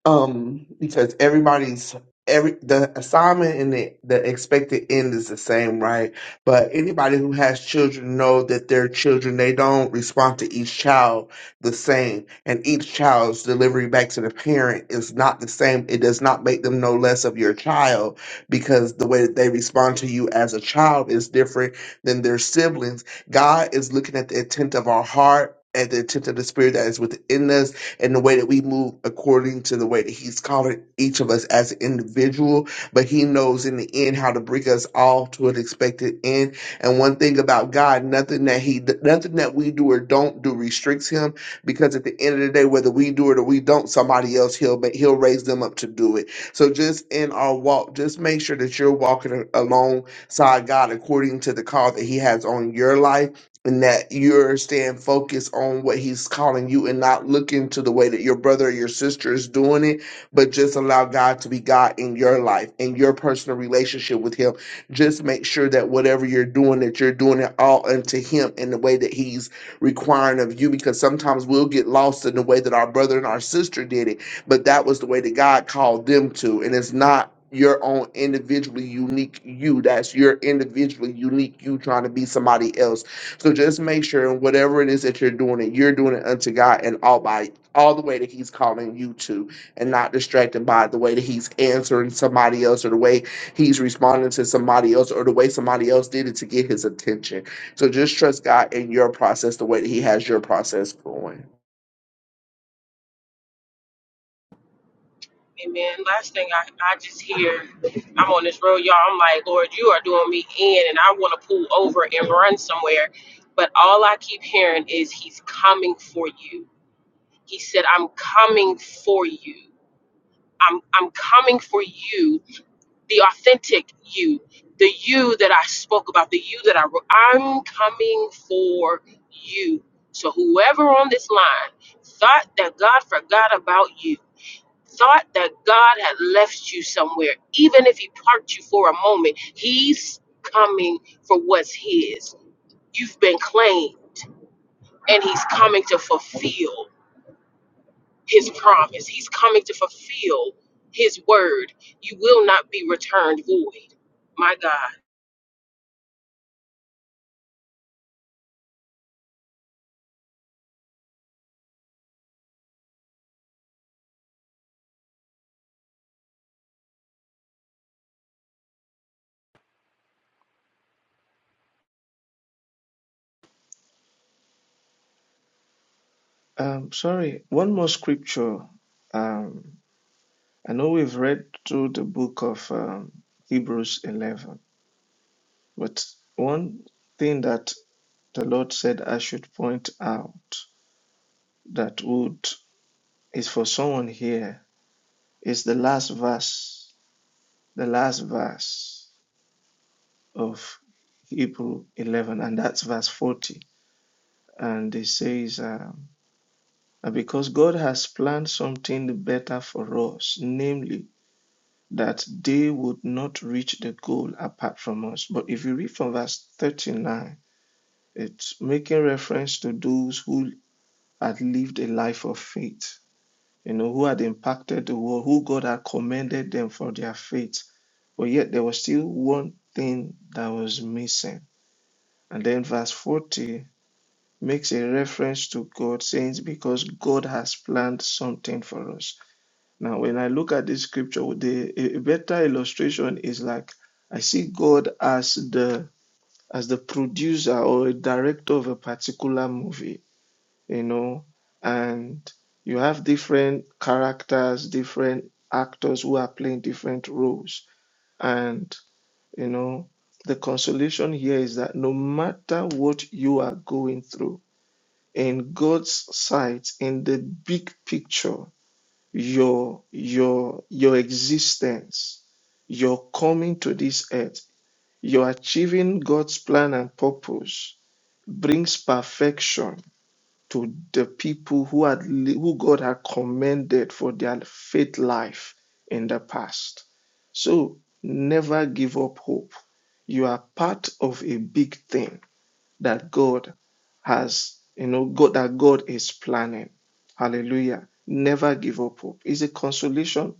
um because everybody's every the assignment and the, the expected end is the same right but anybody who has children know that their children they don't respond to each child the same and each child's delivery back to the parent is not the same it does not make them no less of your child because the way that they respond to you as a child is different than their siblings god is looking at the intent of our heart at the intent of the spirit that is within us and the way that we move according to the way that He's calling each of us as an individual. But He knows in the end how to bring us all to an expected end. And one thing about God, nothing that He, nothing that we do or don't do restricts Him, because at the end of the day, whether we do it or we don't, somebody else He'll ma- He'll raise them up to do it. So just in our walk, just make sure that you're walking a- alongside God according to the call that He has on your life and that you're staying focused on what he's calling you and not looking to the way that your brother or your sister is doing it, but just allow God to be God in your life and your personal relationship with him. Just make sure that whatever you're doing, that you're doing it all unto him in the way that he's requiring of you, because sometimes we'll get lost in the way that our brother and our sister did it, but that was the way that God called them to. And it's not your own individually unique you. That's your individually unique you trying to be somebody else so just make sure in whatever it is that you're doing, it you're doing it unto God and all by all the way that He's calling you to, and not distracted by the way that He's answering somebody else or the way He's responding to somebody else or the way somebody else did it to get His attention. So just trust God in your process, the way that He has your process going.
Amen. Last thing I, I just hear, I'm on this road, y'all. I'm like, Lord, you are doing me in, and I want to pull over and run somewhere. But all I keep hearing is, He's coming for you. He said, I'm coming for you. I'm, I'm coming for you, the authentic you, the you that I spoke about, the you that I wrote. I'm coming for you. So, whoever on this line thought that God forgot about you, thought that God had left you somewhere, even if He parked you for a moment, He's coming for what's His. You've been claimed, and He's coming to fulfill. his promise. He's coming to fulfill his word. You will not be returned void. My God.
Um, sorry, one more scripture. Um, I know we've read through the book of um, Hebrews 11, but one thing that the Lord said I should point out that would is for someone here is the last verse, the last verse of Hebrews 11, and that's verse 40. And it says, um, because God has planned something better for us, namely that they would not reach the goal apart from us. But if you read from verse 39, it's making reference to those who had lived a life of faith, you know, who had impacted the world, who God had commended them for their faith. But yet there was still one thing that was missing. And then verse 40 makes a reference to God, saying, Because God has planned something for us. Now, when I look at this scripture, the a better illustration is like I see God as the as the producer or a director of a particular movie, you know, and you have different characters, different actors who are playing different roles. And, you know, the consolation here is that no matter what you are going through, in God's sight, in the big picture, your your your existence your coming to this earth your achieving god's plan and purpose brings perfection to the people who had li- who god had commended for their faith life in the past so never give up hope you are part of a big thing that god has you know god that god is planning Hallelujah. Never give up hope. It's a consolation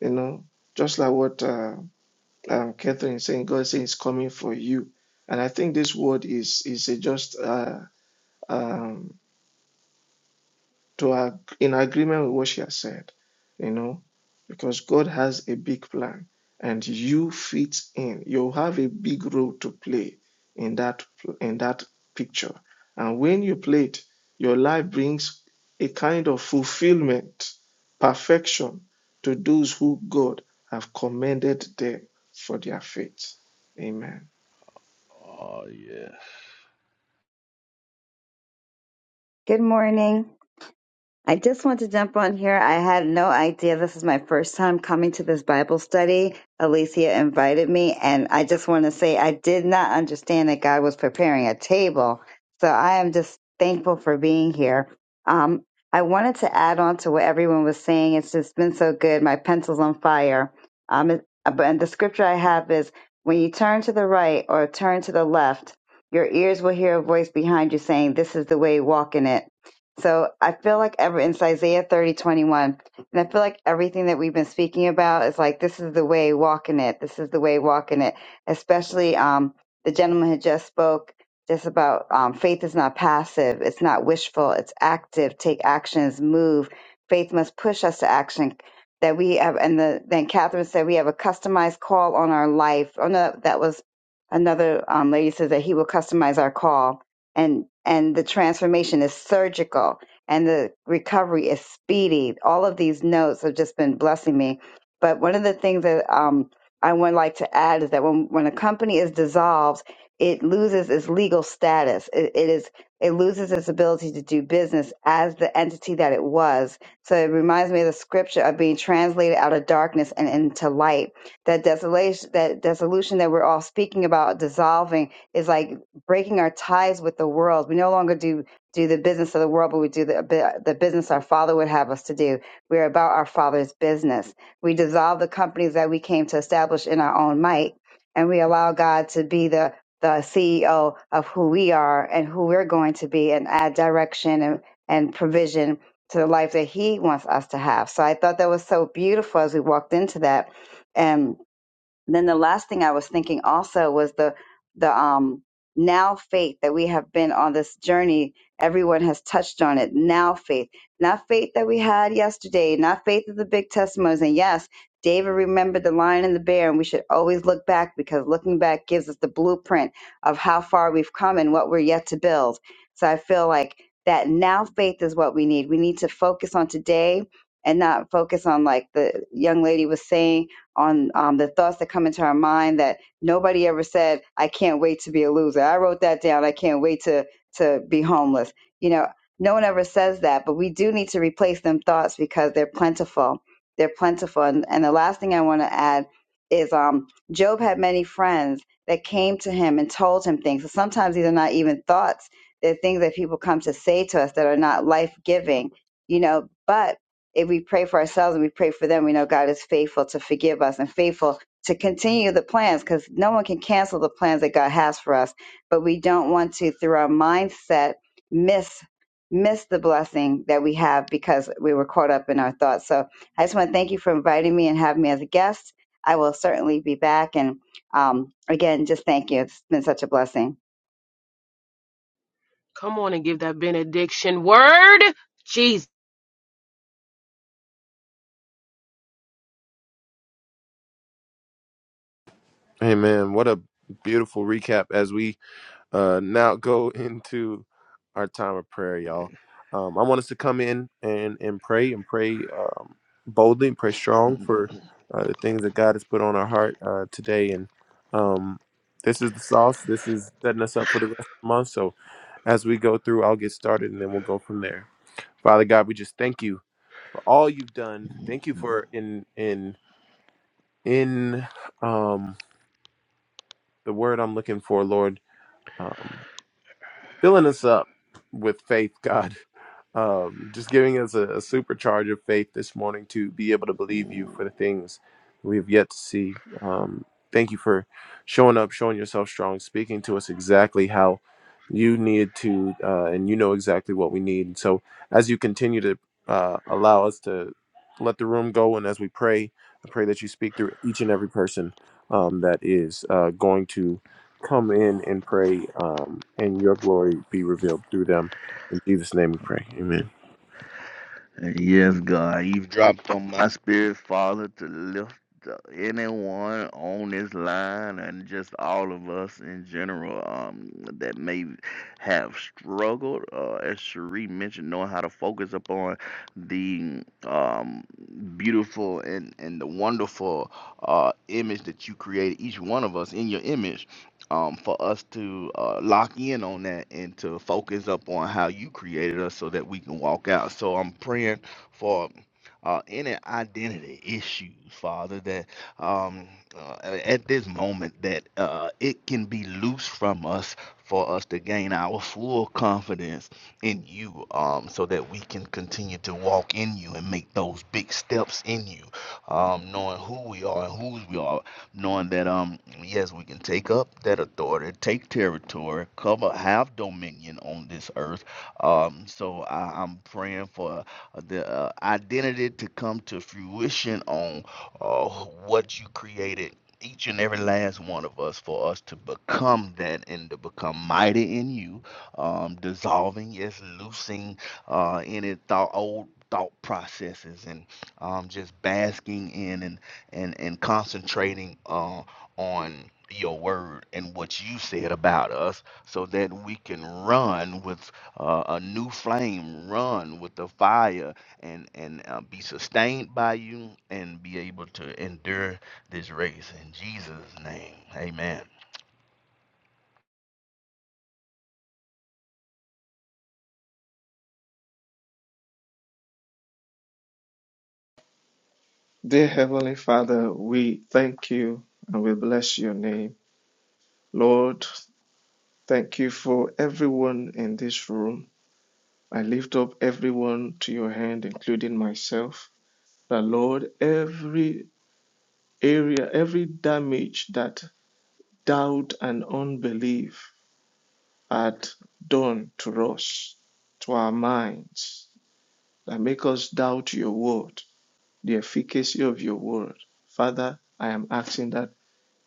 you know, just like what uh, um, Catherine is saying, God is saying it's coming for you. And I think this word is is a just uh, um, to ag- in agreement with what she has said, you know, because God has a big plan and you fit in. You have a big role to play in that in that picture. And when you play it, your life brings a kind of fulfillment, perfection to those who God have commended them for their faith. Amen.
Oh, yes.
Good morning. I just want to jump on here. I had no idea this is my first time coming to this Bible study. Alicia invited me, and I just want to say I did not understand that God was preparing a table. So I am just thankful for being here. Um, I wanted to add on to what everyone was saying. It's just been so good. My pencil's on fire. Um, it- but- and the scripture I have is when you turn to the right or turn to the left, your ears will hear a voice behind you saying, This is the way, walk in it. So I feel like ever in Isaiah thirty twenty one, and I feel like everything that we've been speaking about is like this is the way walking it. This is the way walking it. Especially um, the gentleman had just spoke just about um, faith is not passive. It's not wishful. It's active. Take actions. Move. Faith must push us to action. That we have, and the, then Catherine said we have a customized call on our life. Oh no, that was another um, lady says that he will customize our call and and the transformation is surgical and the recovery is speedy all of these notes have just been blessing me but one of the things that um, i would like to add is that when, when a company is dissolved it loses its legal status it, it is it loses its ability to do business as the entity that it was so it reminds me of the scripture of being translated out of darkness and into light that desolation that dissolution that we're all speaking about dissolving is like breaking our ties with the world. We no longer do do the business of the world, but we do the the business our Father would have us to do. We are about our Father's business. We dissolve the companies that we came to establish in our own might, and we allow God to be the the CEO of who we are and who we're going to be, and add direction and and provision to the life that He wants us to have. So I thought that was so beautiful as we walked into that, and then the last thing I was thinking also was the the um now faith that we have been on this journey. Everyone has touched on it. Now faith, not faith that we had yesterday, not faith of the big testimonies. And yes, David remembered the lion and the bear, and we should always look back because looking back gives us the blueprint of how far we've come and what we're yet to build. So I feel like that now faith is what we need. We need to focus on today and not focus on like the young lady was saying on um, the thoughts that come into our mind that nobody ever said, I can't wait to be a loser. I wrote that down. I can't wait to, to be homeless. You know, no one ever says that, but we do need to replace them thoughts because they're plentiful. They're plentiful. And, and the last thing I want to add is um, Job had many friends that came to him and told him things. So sometimes these are not even thoughts. They're things that people come to say to us that are not life giving, you know, but if we pray for ourselves and we pray for them, we know God is faithful to forgive us and faithful to continue the plans because no one can cancel the plans that God has for us. But we don't want to, through our mindset, miss miss the blessing that we have because we were caught up in our thoughts. So I just want to thank you for inviting me and having me as a guest. I will certainly be back. And um, again, just thank you. It's been such a blessing.
Come on and give that benediction word. Jesus.
Hey man, what a beautiful recap as we uh, now go into our time of prayer, y'all. Um, I want us to come in and and pray and pray um, boldly and pray strong
Mm,
for uh, the things that God has put on our heart uh, today. And um, this is the sauce. This is setting us up for the rest of the month. So as we go through, I'll get started and then we'll go from there. Father God, we just thank you for all you've done.
mm,
Thank you
mm, mm.
for in in in um the word I'm looking for, Lord. um, filling us up with faith, God. Um, just giving us a, a supercharge of faith this morning to be able to believe you
mm.
for the things we have yet to see. Um, thank you for showing up, showing yourself strong, speaking to us exactly how you need to, uh, and you know exactly what we need. And so, as you continue to uh, allow us to let the room go, and as we pray, I pray that you speak through each and every person um, that is uh, going to come in and pray, um, and your glory be revealed through them. In Jesus' name we pray. Amen.
Yes, God, you've dropped on my spirit, Father, to lift anyone on this line and just all of us in general um, that may have struggled, uh, as Cherie mentioned, knowing how to focus upon the um, beautiful and, and the wonderful uh, image that you created each one of us in your image um, for us to uh, lock in on that and to focus up on how you created us so that we can walk out. So I'm praying for uh, any identity issues, Father, that um, uh, at this moment that uh, it can be loose from us for us to gain our full confidence in you um, so that we can continue to walk in you and make those big steps in you um, knowing who we are and whose we are knowing that um yes we can take up that authority take territory cover have dominion on this earth um so I, i'm praying for uh, the uh, identity to come to fruition on uh, what you created each and every last one of us for us to become that and to become mighty in you um dissolving yes loosing uh any thought old thought processes and um just basking in and and and concentrating uh, on your word and what you said about us so that we can run with uh, a new flame run with the fire and and uh, be sustained by you and be able to endure this race in jesus name amen
Dear Heavenly Father, we thank you and we bless your name. Lord, Thank you for everyone in this room. I lift up everyone to your hand, including myself. The Lord, every area, every damage that doubt and unbelief had done to us, to our minds, that make us doubt your word, the efficacy of your word. Father, I am asking that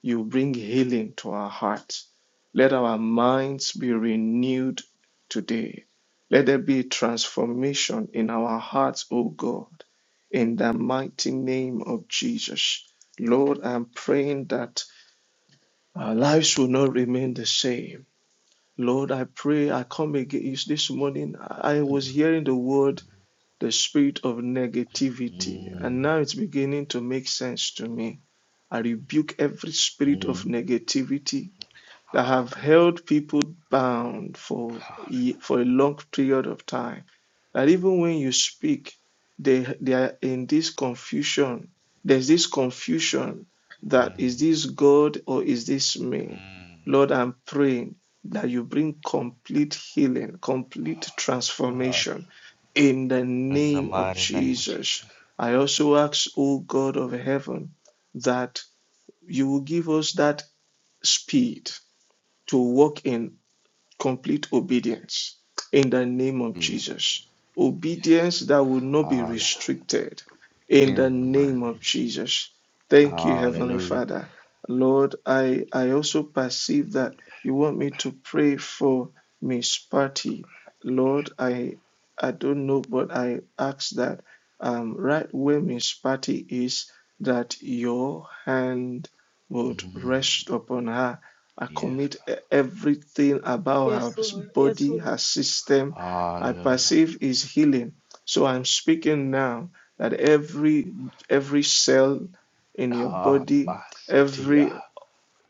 You bring healing to our hearts. Let our minds be renewed today. Let there be transformation in our hearts, O God, in the mighty name of Jesus. Lord, I'm praying that our lives will not remain the same. Lord, I pray, I come against this morning. I
Mm,
was hearing the word, the spirit of negativity,
mm,
and now it's beginning to make sense to me. I rebuke every spirit of
mm.
negativity that
hallelujah
have held people bound for for a long period of time. That even when you speak, they they are in this confusion. There's this confusion that
hallelujah
is this God or is this
Mm,
me?
mm.
Lord, I'm praying that you bring complete healing, complete
Uh,
transformation in the
in the
name of
mighty name of
Jesus.
jesus
I also ask, O God of heaven, that you will give us that speed to walk in complete obedience in the name of
yeah
Jesus.
yes
Obedience that will not be
Hallelujah.
restricted in the
In my
name
name,
of
of Jesus.
Jesus. Thank you, Heavenly
Hallelujah.
Father. Lord, I, I also perceive that you want me to pray for Miss Patty. Lord, I I don't know, but I ask that um, right where Miss Patty is, that your hand would
Mm,
rest upon her I
yes.
commit e- everything about
Yes,
her
Lord. Yes,
body,
Lord.
her system. I
Hallelujah.
perceive is healing. So I'm speaking now that every every cell in your
Ah,
body,
my city.
every
ah.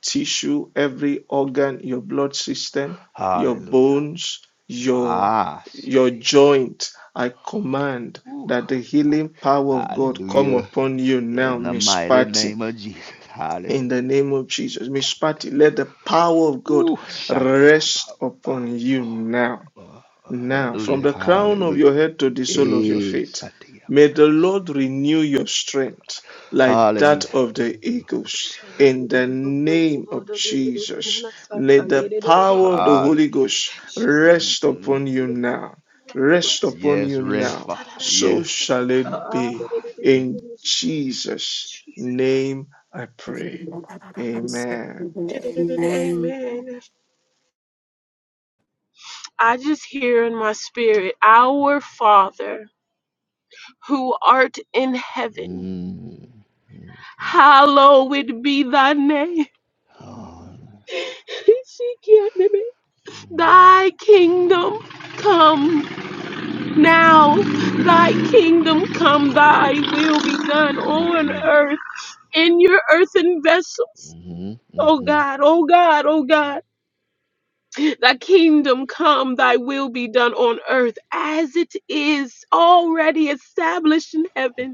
tissue, every organ, your blood system, your
Hallelujah.
bones, your
My
your
city.
joint, I command
ah. Ooh.
that the healing power of God come
Hallelujah.
upon you now,
In the
Miss
mighty
Patty
name of Jesus. Hallelujah.
in the name of Jesus. Miss Patty, let the power of God
Ooh, Shanti. ah,
rest upon you
oh,
now.
oh,
Now, from
Hallelujah.
the crown of
Hallelujah.
your head to the sole of your
Eh,
feet,
Shanti. ah.
may the Lord renew your strength like that
Hallelujah.
of the eagles. In the name of Jesus, let the power of the Holy
Hallelujah.
Ghost
Mm, mm.
rest
mm.
upon you now. Rest upon
Yes,
you
rest,
now.
Father.
So
Yes.
shall it be.
My
In Jesus' name I pray. Amen.
Jesus.
Amen.
Amen. I just hear in my spirit, Our Father, who art in heaven,
Mm.
hallowed be thy name.
Oh, mm.
Thy kingdom come now, thy kingdom come, thy will be done on
Mhm.
earth in your earthen vessels.
Mhm.
Oh
Mhm.
God, oh God, oh God, thy kingdom come, thy will be done on earth as it is already established in heaven.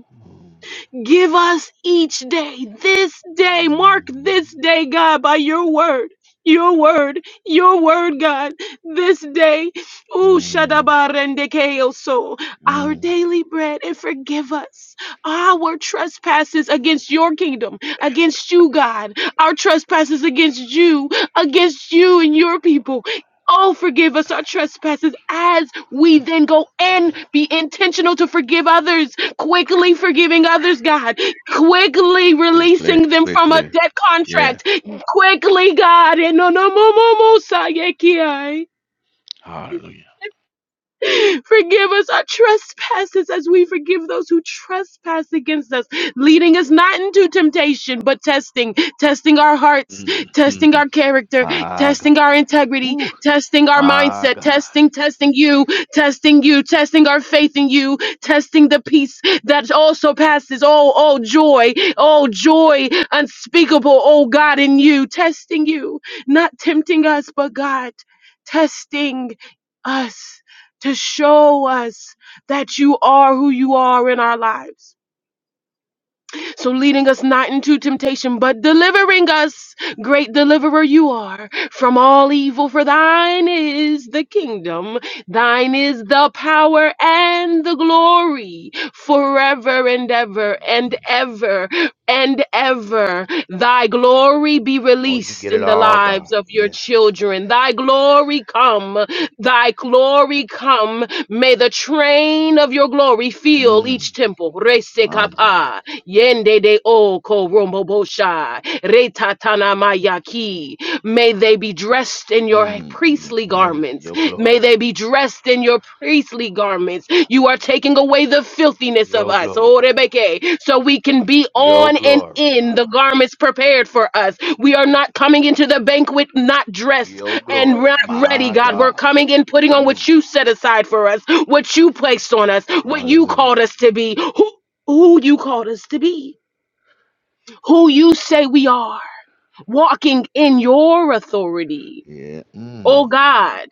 Give us each day, this day,
mm,
mark
Mhm.
this day, God, by your word. Your word, your word, God, this day, ooh,
Mm.
shadabarendeke so our
Mm.
daily bread and forgive us our trespasses against your kingdom, against you, God, our trespasses against you, against you and your people. Oh, forgive us our trespasses as we then go and be intentional to forgive others quickly forgiving others, God, quickly
Quickly,
releasing them from a
quickly.
debt
Yeah.
contract, quickly, God, and no, no, no, no, no,
Hallelujah.
Forgive us our trespasses as we forgive those who trespass against us, leading us not into temptation, but testing, testing our hearts,
Mhm.
testing our character,
My God.
testing our integrity,
Ooh,
testing our
my
mindset,
God.
testing, testing you, testing you, testing our faith in you, testing the peace that also passes all, all joy, all joy unspeakable, oh God, in you, testing you, not tempting us, but God, testing us to show us that you are who you are in our lives. So leading us not into temptation, but delivering us, great deliverer you are, from all evil. For thine is the kingdom, thine is the power and the glory forever and ever and
Mm.
ever and ever. Thy glory be
Oh, you get
released
it
in the
all, God.
lives of your
Yeah.
children. Thy glory come. Thy glory come. May the train of your glory fill
Mm.
each temple.
My Jesus.
Resekapa. Yende de o ko romobosha. Retatana mayaki. May they be dressed in your
Mm. y-
priestly
Yes,
garments.
your
May
glory.
they be dressed in your priestly garments. You are taking away the filthiness of
Your
us.
glory.
Oh, Rebeke, So we can be
Your
on and
glory,
in
God.
the garments prepared for us. We are not coming into the banquet not dressed
Your
and
glory.
not ready,
My
God. We're coming in putting on
God.
what you set aside for us, what you placed on us, what you
Hallelujah.
called us to be. Who who you called us to be, who you say we are, walking in your authority.
Yeah.
Oh
Mm.
God,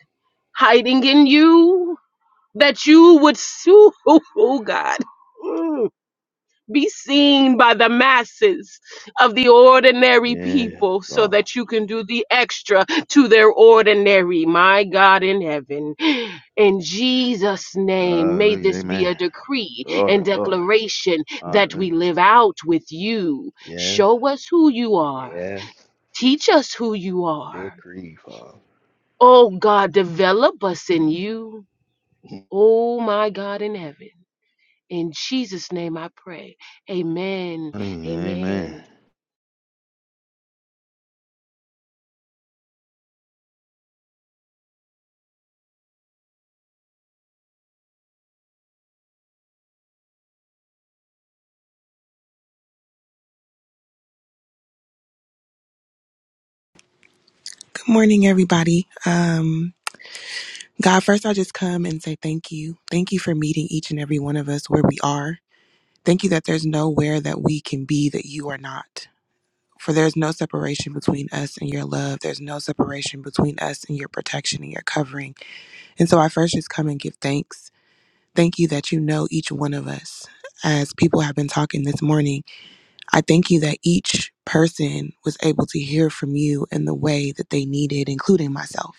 hiding in you that you would sue. Oh God. Mm. Be seen by the masses of the ordinary
Yes,
people so
God.
that you can do the extra to their ordinary. My God in heaven. In Jesus' name, may
Hallelujah.
this be a
Amen.
decree
Glory,
and
glory.
declaration that we
Hallelujah.
live out with you.
Yes.
Show us who you are.
Yes.
Teach us who you are.
Decree, Father.
Oh God, develop us in you.
Mm.
Oh my God in heaven. In Jesus' name I pray. Amen.
Amen.
Amen.
Good morning, everybody. Um, God, first, I just come and say thank you. Thank you for meeting each and every one of us where we are. Thank you that there's nowhere that we can be that you are not. For there's no separation between us and your love. There's no separation between us and your protection and your covering. And so I first just come and give thanks. Thank you that you know each one of us. As people have been talking this morning, I thank you that each person was able to hear from you in the way that they needed, including myself.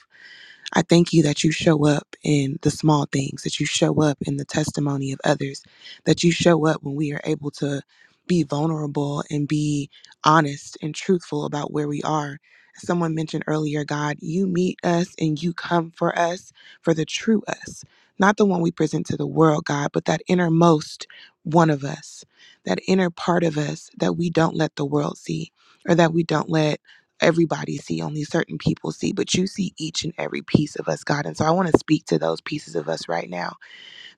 I thank you that you show up in the small things, that you show up in the testimony of others, that you show up when we are able to be vulnerable and be honest and truthful about where we are. As Someone mentioned earlier, God, you meet us and you come for us for the true us, not the one we present to the world, God, but that innermost one of us, that inner part of us that we don't let the world see or that we don't let everybody see, only certain people see, but you see each and every piece of us, God. And so I want to speak to those pieces of us right now.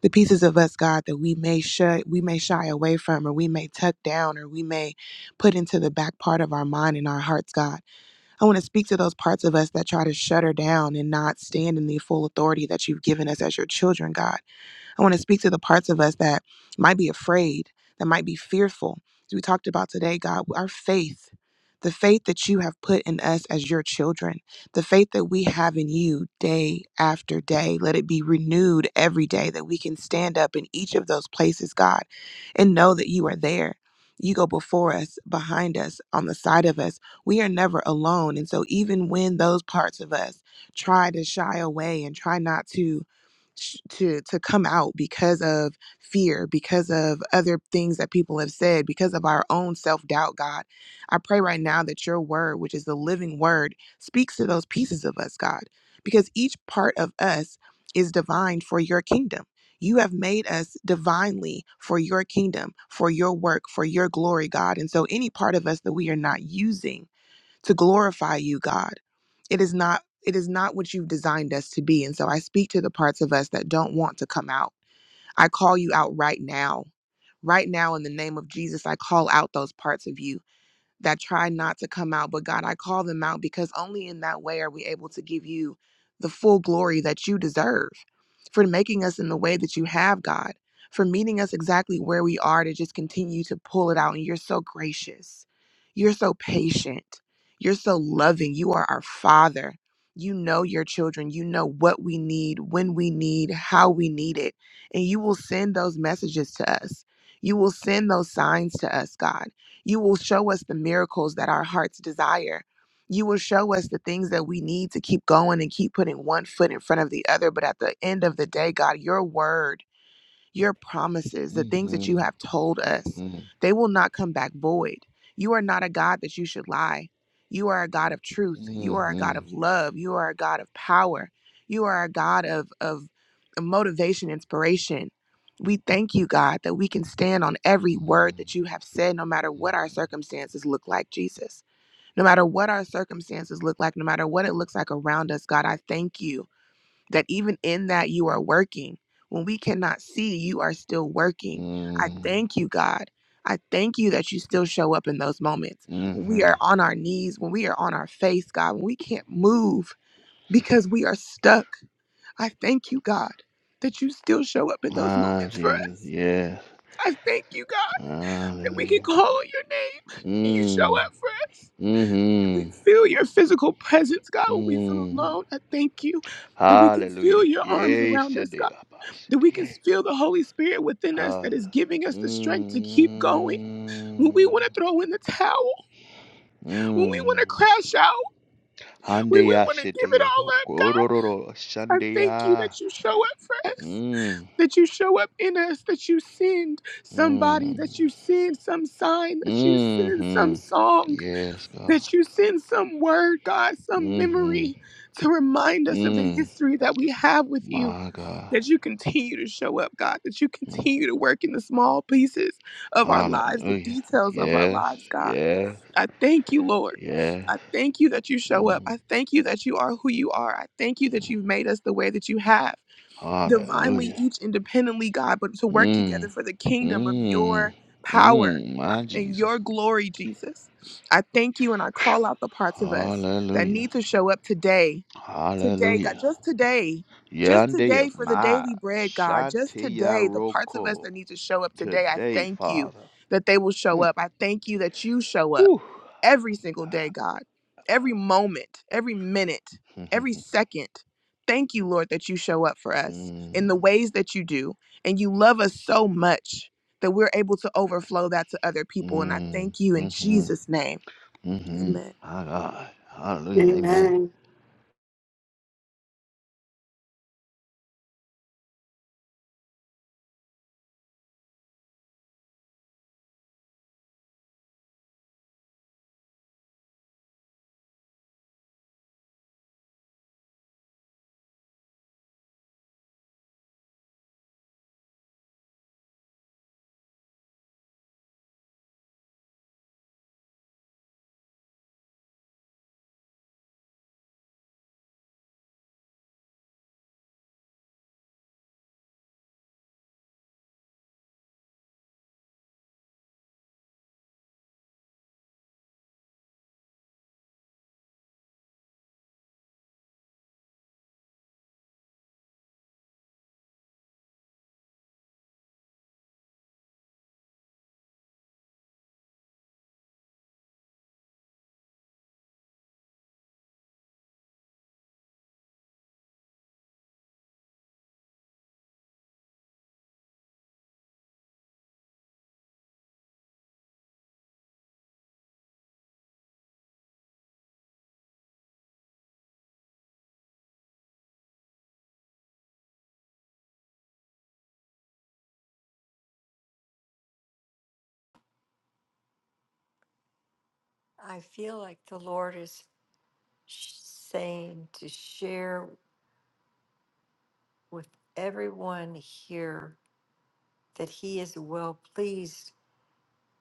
The pieces of us, God, that we may shy, we may shy away from, or we may tuck down, or we may put into the back part of our mind and our hearts, God. I want to speak to those parts of us that try to shut her down and not stand in the full authority that you've given us as your children, God. I want to speak to the parts of us that might be afraid, that might be fearful. As we talked about today, God, our faith, the faith that you have put in us as your children, the faith that we have in you day after day, let it be renewed every day that we can stand up in each of those places, God, and know that you are there. You go before us, behind us, on the side of us. We are never alone. And so, even when those parts of us try to shy away and try not to sh- to to come out because of fear because of other things that people have said because of our own self-doubt god i pray right now that your word which is the living word speaks to those pieces of us god because each part of us is divine for your kingdom you have made us divinely for your kingdom for your work for your glory god and so any part of us that we are not using to glorify you, God. It is not it is not what you've designed us to be. And so I speak to the parts of us that don't want to come out. I call you out right now. Right now in the name of Jesus, I call out those parts of you that try not to come out, but God, I call them out because only in that way are we able to give you the full glory that you deserve for making us in the way that you have, God, for meeting us exactly where we are to just continue to pull it out. And you're so gracious, you're so patient, you're so loving. You are our Father. You know your children. You know what we need, when we need, how we need it. And you will send those messages to us. You will send those signs to us, God. You will show us the miracles that our hearts desire. You will show us the things that we need to keep going and keep putting one foot in front of the other. But at the end of the day, God, your word your promises, the things that
Mm-hmm.
you have told us,
Mm.
they will not come back void. You are not a God that you should lie. You are a God of truth. You are a God
Mm-hmm.
of love. You are a God of power. You are a God of, of motivation, inspiration. We thank you, God, that we can stand on every word
mm
that you have said, no matter what our circumstances look like, Jesus. No matter what our circumstances look like, no matter what it looks like around us, God, I thank you that even in that you are working. When we cannot see, you are still working. I
mm
thank you, God. I thank you that you still show up in those moments. When we
Mm-hmm.
are on our knees, when we are on our face, God, when we can't move because we are stuck. I thank you, God, that you still show up in those
Ah,
moments for
Jesus.
us.
Yes.
I thank you, God, that we can
Hallelujah.
call on your name and you show
Mm.
up for us. And we
Mm-hmm.
feel your physical presence, God, when we feel
Mm.
alone. I thank you that we can feel
Hallelujah.
your arms
Yes,
around
your
us, God that we can
dear.
feel the Holy Spirit within us that is
Hallelujah.
giving us the strength to keep going. When we
Mm,
want to throw in the towel, when we want to
mm.
crash out, when we
Handeya
want to give it
sheteya
all up,
bokororo
God, I thank you
shandeya.
that you show up for us,
Mm,
that you show up in us, that you send
mm,
somebody, that
mm-hmm.
you send some sign, that you send
Mm-hmm.
some song,
Yes, God.
that you send some word, God, some memory
Mm-hmm.
to remind us of the
Mm,
history that we have with you
my God.
that you continue to show up, God, that you
Mm.
continue to work in the small pieces of our lives, the
Hallelujah.
details of our
Yes,
lives, God.
yes,
I thank you, Lord.
yes.
I thank you that you show up.
Mm.
I thank you that you are who you are. I thank you that you've made us the way that you have, divinely,
Hallelujah.
each independently, God, but to work
Mm,
together for the kingdom of
mm,
your power
mm, my
and
Jesus.
your glory, Jesus. I thank you and I call out the parts of us that
Hallelujah.
need to show up today today,
Hallelujah.
God, just today, just
Yande
today for the
my
daily bread, God, just
Shantiya
today, the parts of us
Roko
that need to show up today, I
today,
thank you
Father.
that they will show
Mm.
up. I thank you that you show up
Whew.
every single day, God, every moment, every minute, every
Mhm.
second. Thank you, Lord, that you show up for us in the ways that you do. And you love us so much that we're able to overflow that to other people. And I
Mm,
thank you in
mm, mhm,
Jesus' name.
mhm.
Amen.
My God. Hallelujah. Amen.
Amen.
I feel like the Lord is sh- saying to share with everyone here that He is well pleased,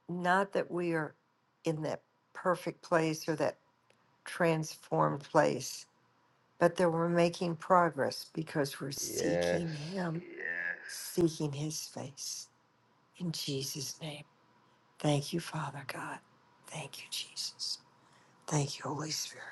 not that we are in that perfect place or that transformed place, but that we're making progress because we're
Yes.
seeking Him, Yes. seeking His face. In Jesus' name. Thank you, Father God. Thank you, Jesus. Thank you, Holy Spirit.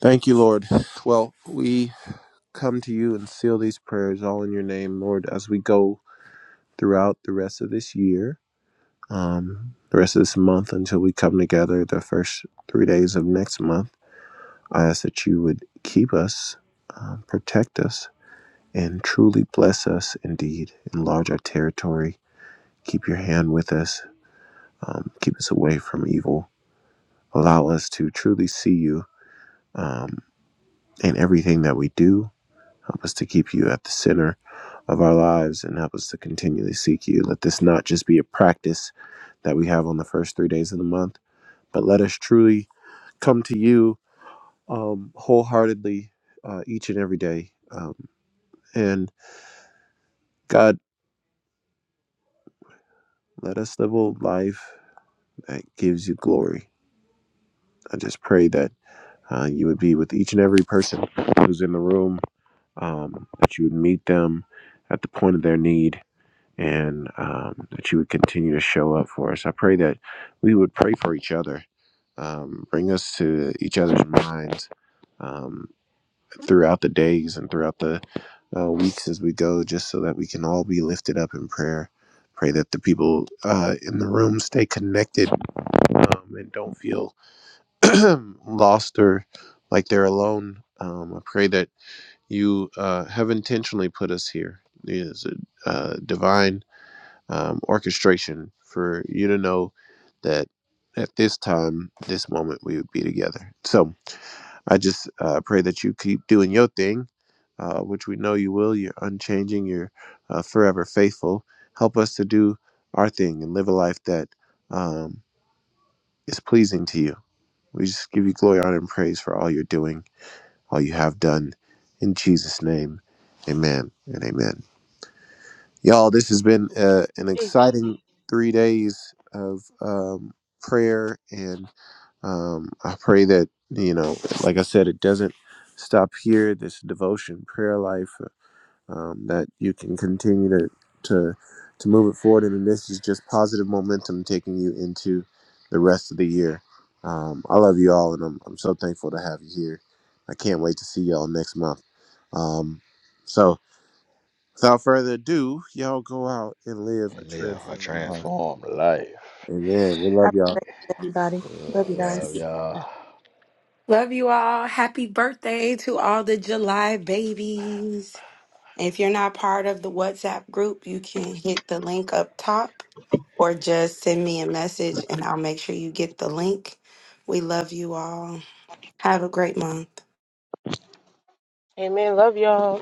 Thank you, Lord. Well, we come to you and seal these prayers all in your name, Lord, as we go throughout the rest of this year, um, the rest of this month until we come together the first three days of next month. I ask that you would keep us, um, protect us, and truly bless us indeed. Enlarge our territory. Keep your hand with us. Um, keep us away from evil Allow us to truly see you um, in everything that we do. Help us to keep you at the center of our lives and help us to continually seek you. Let this not just be a practice that we have on the first three days of the month, but let us truly come to you um, wholeheartedly uh, each and every day. Um, and God, let us live a life that gives you glory. I just pray that. Uh, you would be with each and every person who's in the room, um, that you would meet them at the point of their need, and um, that you would continue to show up for us. I pray that we would pray for each other, um, bring us to each other's minds um, throughout the days and throughout the uh, weeks as we go, just so that we can all be lifted up in prayer. Pray that the people uh, in the room stay connected um, and don't feel lost or like they're alone. Um, I pray that you uh, have intentionally put us here. It is a uh, divine um, orchestration for you to know that at this time, this moment, we would be together. So I just uh, pray that you keep doing your thing, uh, which we know you will. You're unchanging, you're uh, forever faithful. Help us to do our thing and live a life that um, is pleasing to you. We just give you glory, honor, and praise for all you're doing, all you have done. In Jesus' name, amen and amen. Y'all, this has been uh, an
Amen.
exciting three days of um, prayer. And um, I pray that, you know, like I said, it doesn't stop here. This devotion, prayer life um, that you can continue to, to to move it forward and this is just positive momentum taking you into the rest of the year um, i love you all and I'm, I'm so thankful to have you here i can't wait to see y'all next month um, so without further ado y'all go out and live a
And live a
transformed life
transformed life.
amen we love
Happy
y'all
I
everybody. Love you
We'll see. you.
Love
guys.
y'all.
Love you all. Happy birthday to all the July babies. If you're not part of the WhatsApp group, you can hit the link up top or just send me a message and I'll make sure you get the link. We love you all. Have a great month.
Amen. Love y'all.